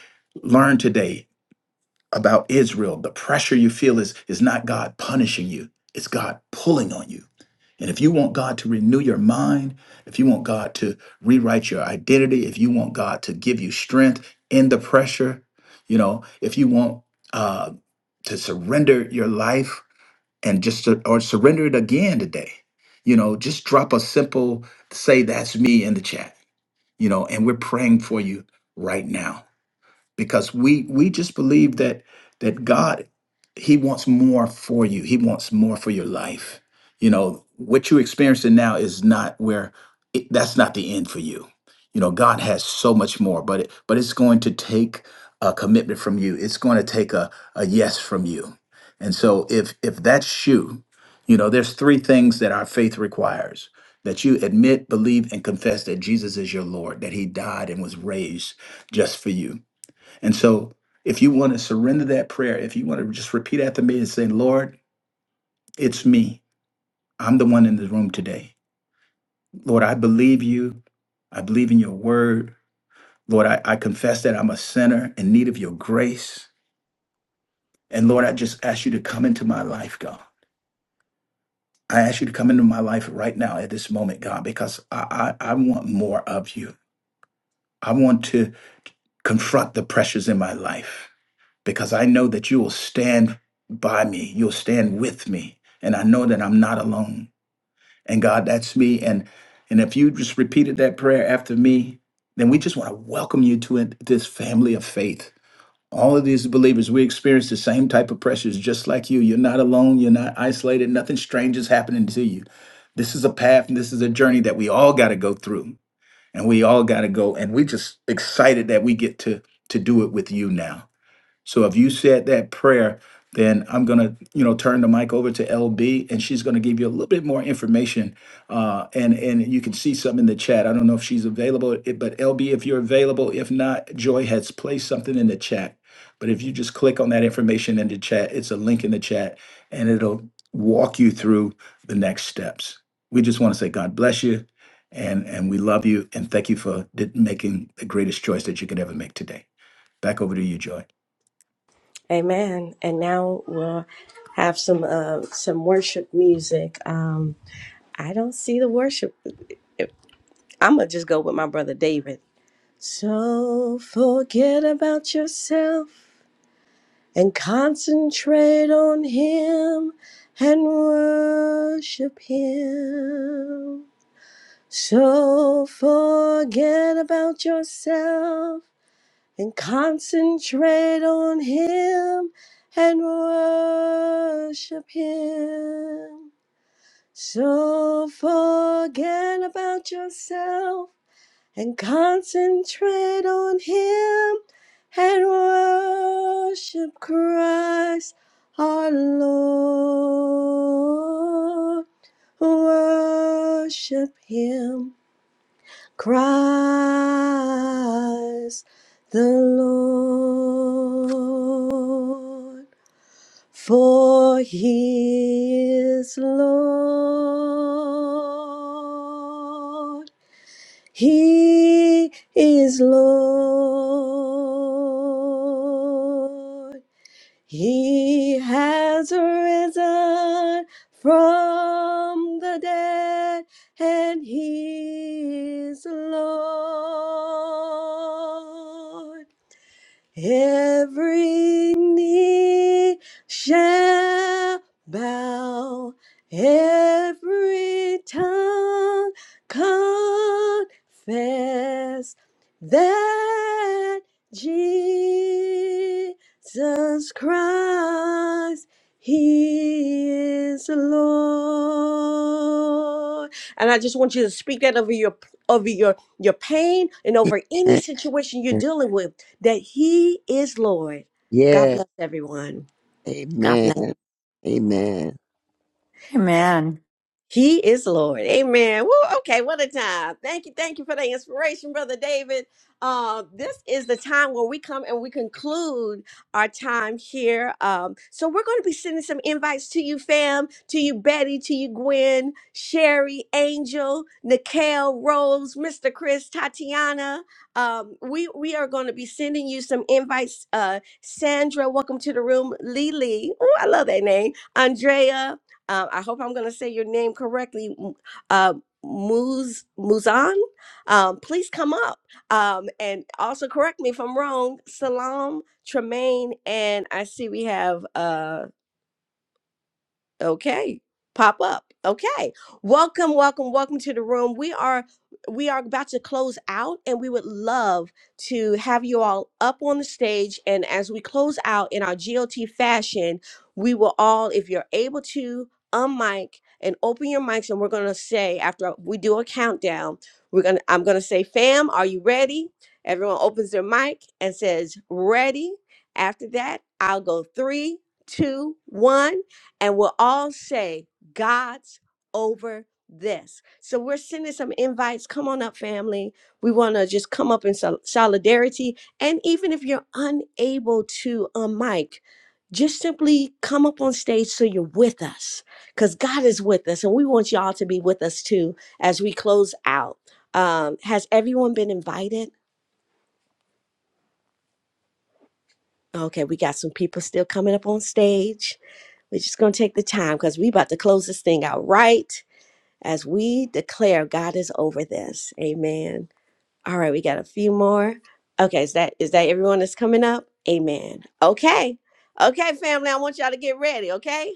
Speaker 2: learned today, about Israel, the pressure you feel is, is not God punishing you, it's God pulling on you. And if you want God to renew your mind, if you want God to rewrite your identity, if you want God to give you strength in the pressure, you know, if you want uh, to surrender your life and just to, or surrender it again today, you know, just drop a simple say that's me in the chat, you know, and we're praying for you right now because we we just believe that that God he wants more for you. He wants more for your life. You know, what you're experiencing now is not where it, that's not the end for you. You know, God has so much more, but it, but it's going to take a commitment from you. It's going to take a a yes from you. And so if if that's you, you know, there's three things that our faith requires. That you admit, believe, and confess that Jesus is your Lord, that He died and was raised just for you and so, if you want to surrender that prayer, if you want to just repeat after me and say, Lord, it's me. I'm the one in the room today. Lord, I believe you. I believe in your word. Lord, I, I confess that I'm a sinner in need of your grace. And Lord, I just ask you to come into my life, God. I ask you to come into my life right now at this moment, God, because I, I, I want more of you. I want to confront the pressures in my life. because I know that you will stand by me. You'll stand with me. And I know that I'm not alone. And God, that's me. And and if you just repeated that prayer after me, then we just want to welcome you to it- this family of faith. All of these believers, we experience the same type of pressures just like you. You're not alone. You're not isolated. Nothing strange is happening to you. This is a path and this is a journey that we all got to go through. And we all got to go. And we just excited that we get to to do it with you now. So if you said that prayer, then I'm gonna, you know, turn the mic over to LB, and she's gonna give you a little bit more information. Uh, and and you can see something in the chat. I don't know if she's available, it- but LB, if you're available, if not, Joy has placed something in the chat. But if you just click on that information in the chat, it's a link in the chat, and it'll walk you through the next steps. We just want to say God bless you, and and we love you, and thank you for di- making the greatest choice that you could ever make today. Back over to you, Joy.
Speaker 10: Amen. And now we'll have some uh, some worship music. Um, I don't see the worship. I'm gonna just go with my brother David. So forget about yourself and concentrate on Him and worship Him. So forget about yourself and concentrate on Him and worship Him. So forget about yourself and concentrate on Him and worship Christ our Lord. Worship Him, Christ the Lord, for He is Lord. He is Lord. He has risen from the dead, and He is Lord. Every knee shall bow, every tongue confess that Jesus Christ, He is Lord. And I just want you to speak that over your over your your pain and over
Speaker 5: (laughs)
Speaker 10: any
Speaker 5: Amen.
Speaker 10: situation you're dealing with that He is Lord.
Speaker 5: Yeah.
Speaker 10: God bless everyone. God bless.
Speaker 5: Amen. Amen.
Speaker 3: Amen.
Speaker 10: He is Lord. Amen. Woo, okay, what a time. Thank you. Thank you for the inspiration, Brother David. Uh, this is the time where we come and we conclude our time here. Um, so we're going to be sending some invites to you, fam, to you, Betty, to you, Gwen, Sherry, Angel, Nikhil, Rose, Mr. Chris, Tatiana. Um, we, we are going to be sending you some invites. Uh, Sandra, welcome to the room. Lily. Oh, I love that name. Andrea. Uh, I hope I'm going to say your name correctly. M- Uh, Muz Muzan, um, please come up um, and also correct me if I'm wrong. Salam Tremaine, and I see we have uh, okay pop up okay welcome welcome welcome to the room we are we are about to close out and we would love to have you all up on the stage and as we close out in our got fashion we will all if you're able to unmic and open your mics and we're going to say after we do a countdown we're going to i'm going to say fam are you ready everyone opens their mic and says ready after that i'll go three two one and we'll all say God's over this. So we're sending some invites. Come on up, family. We want to just come up in sol- solidarity. And even if you're unable to um, mic, just simply come up on stage so you're with us because God is with us and we want y'all to be with us too as we close out. Um, has everyone been invited? Okay, we got some people still coming up on stage. We're just gonna take the time because we about to close this thing out right. as we declare God is over this. Amen. All right, we got a few more. Okay, is that is that everyone that's coming up? Amen. Okay. Okay, family, I want y'all to get ready, okay?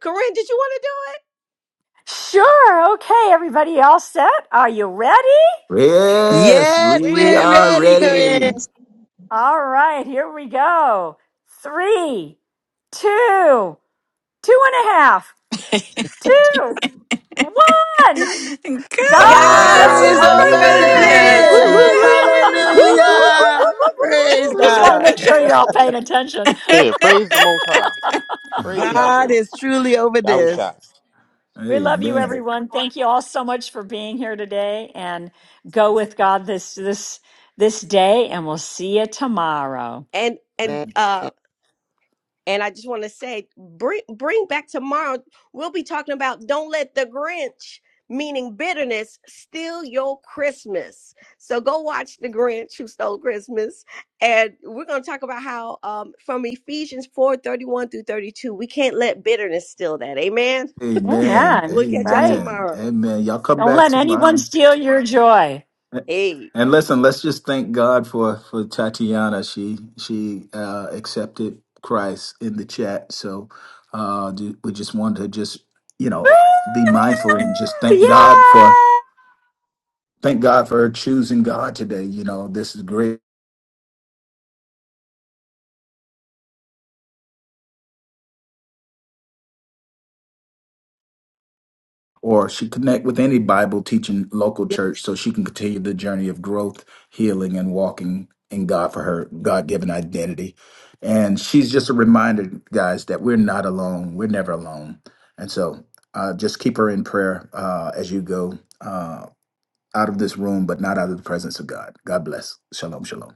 Speaker 10: Corinne, did you want to do
Speaker 3: Sure. Okay, everybody, all set? Are you ready?
Speaker 2: Yes,
Speaker 5: Yes,
Speaker 2: we
Speaker 5: we're
Speaker 2: are
Speaker 15: Yes,
Speaker 5: ready,
Speaker 10: it? Ready.
Speaker 5: Corinne.
Speaker 2: ready.
Speaker 16: Yes,
Speaker 3: All right, here we go. Three, two, two and a half, two,
Speaker 9: (laughs) God,
Speaker 3: one.
Speaker 2: Oh
Speaker 16: God,
Speaker 3: God's
Speaker 15: God
Speaker 5: God
Speaker 16: Lord,
Speaker 10: God's
Speaker 15: is
Speaker 2: my
Speaker 5: is
Speaker 9: so
Speaker 3: over
Speaker 9: for
Speaker 5: over
Speaker 15: over
Speaker 10: over
Speaker 16: we thank
Speaker 15: this.
Speaker 2: God!
Speaker 3: this.
Speaker 9: this,
Speaker 10: this.
Speaker 16: you.
Speaker 5: this.
Speaker 9: yay!
Speaker 10: Woo, woo, woo, woo,
Speaker 5: Hallelujah.
Speaker 10: woo,
Speaker 3: (laughs)
Speaker 10: woo, woo, woo,
Speaker 5: Praise
Speaker 10: woo.
Speaker 3: Just want to
Speaker 5: God.
Speaker 3: make
Speaker 9: (laughs)
Speaker 10: Hallelujah,
Speaker 3: sure you're all paying
Speaker 10: hallelujah.
Speaker 3: attention.
Speaker 17: Yeah, praise the Most High. Praise
Speaker 5: God
Speaker 17: Yahshua.
Speaker 5: is truly over this.
Speaker 17: Yahusha.
Speaker 3: We love you,
Speaker 2: Amen.
Speaker 3: everyone. Thank you all so much for being here today, and go with God this this this day, and we'll see you tomorrow.
Speaker 10: And and
Speaker 5: Amen.
Speaker 10: uh And I just want to say, bring bring back tomorrow. We'll be talking about don't let the Grinch, meaning bitterness, steal your Christmas. So go watch the Grinch who stole Christmas, and we're going to talk about how um, from Ephesians four thirty one through thirty two, we can't let bitterness steal that. Amen.
Speaker 2: Amen.
Speaker 3: Amen.
Speaker 10: We'll catch y'all
Speaker 3: Right?
Speaker 2: Amen.
Speaker 10: tomorrow.
Speaker 2: Amen. Y'all come
Speaker 3: Don't
Speaker 2: back
Speaker 3: let
Speaker 2: to
Speaker 3: anyone
Speaker 2: mine.
Speaker 3: steal your joy.
Speaker 10: Hey.
Speaker 2: And listen, let's just thank God for for Tatiana. She she uh, accepted Christ in the chat. So uh, do- we just wanted to just you
Speaker 3: Woo!
Speaker 2: know be mindful and just thank God for
Speaker 3: Yay!
Speaker 2: thank God for her choosing God today. You know, this is great. Or she connect with any Bible teaching local church so she can continue the journey of growth, healing, and walking in God for her God given identity. And she's just a reminder, guys, that we're not alone. We're never alone. And so uh, just keep her in prayer uh, as you go uh, out of this room, but not out of the presence of God. God bless. Shalom, shalom.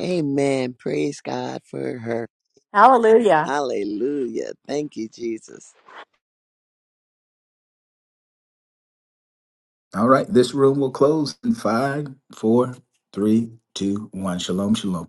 Speaker 5: Amen. Praise God for her.
Speaker 3: Hallelujah.
Speaker 5: Hallelujah. Thank you, Jesus.
Speaker 2: All right, this room will close in five, four, three, two, one. Shalom, shalom.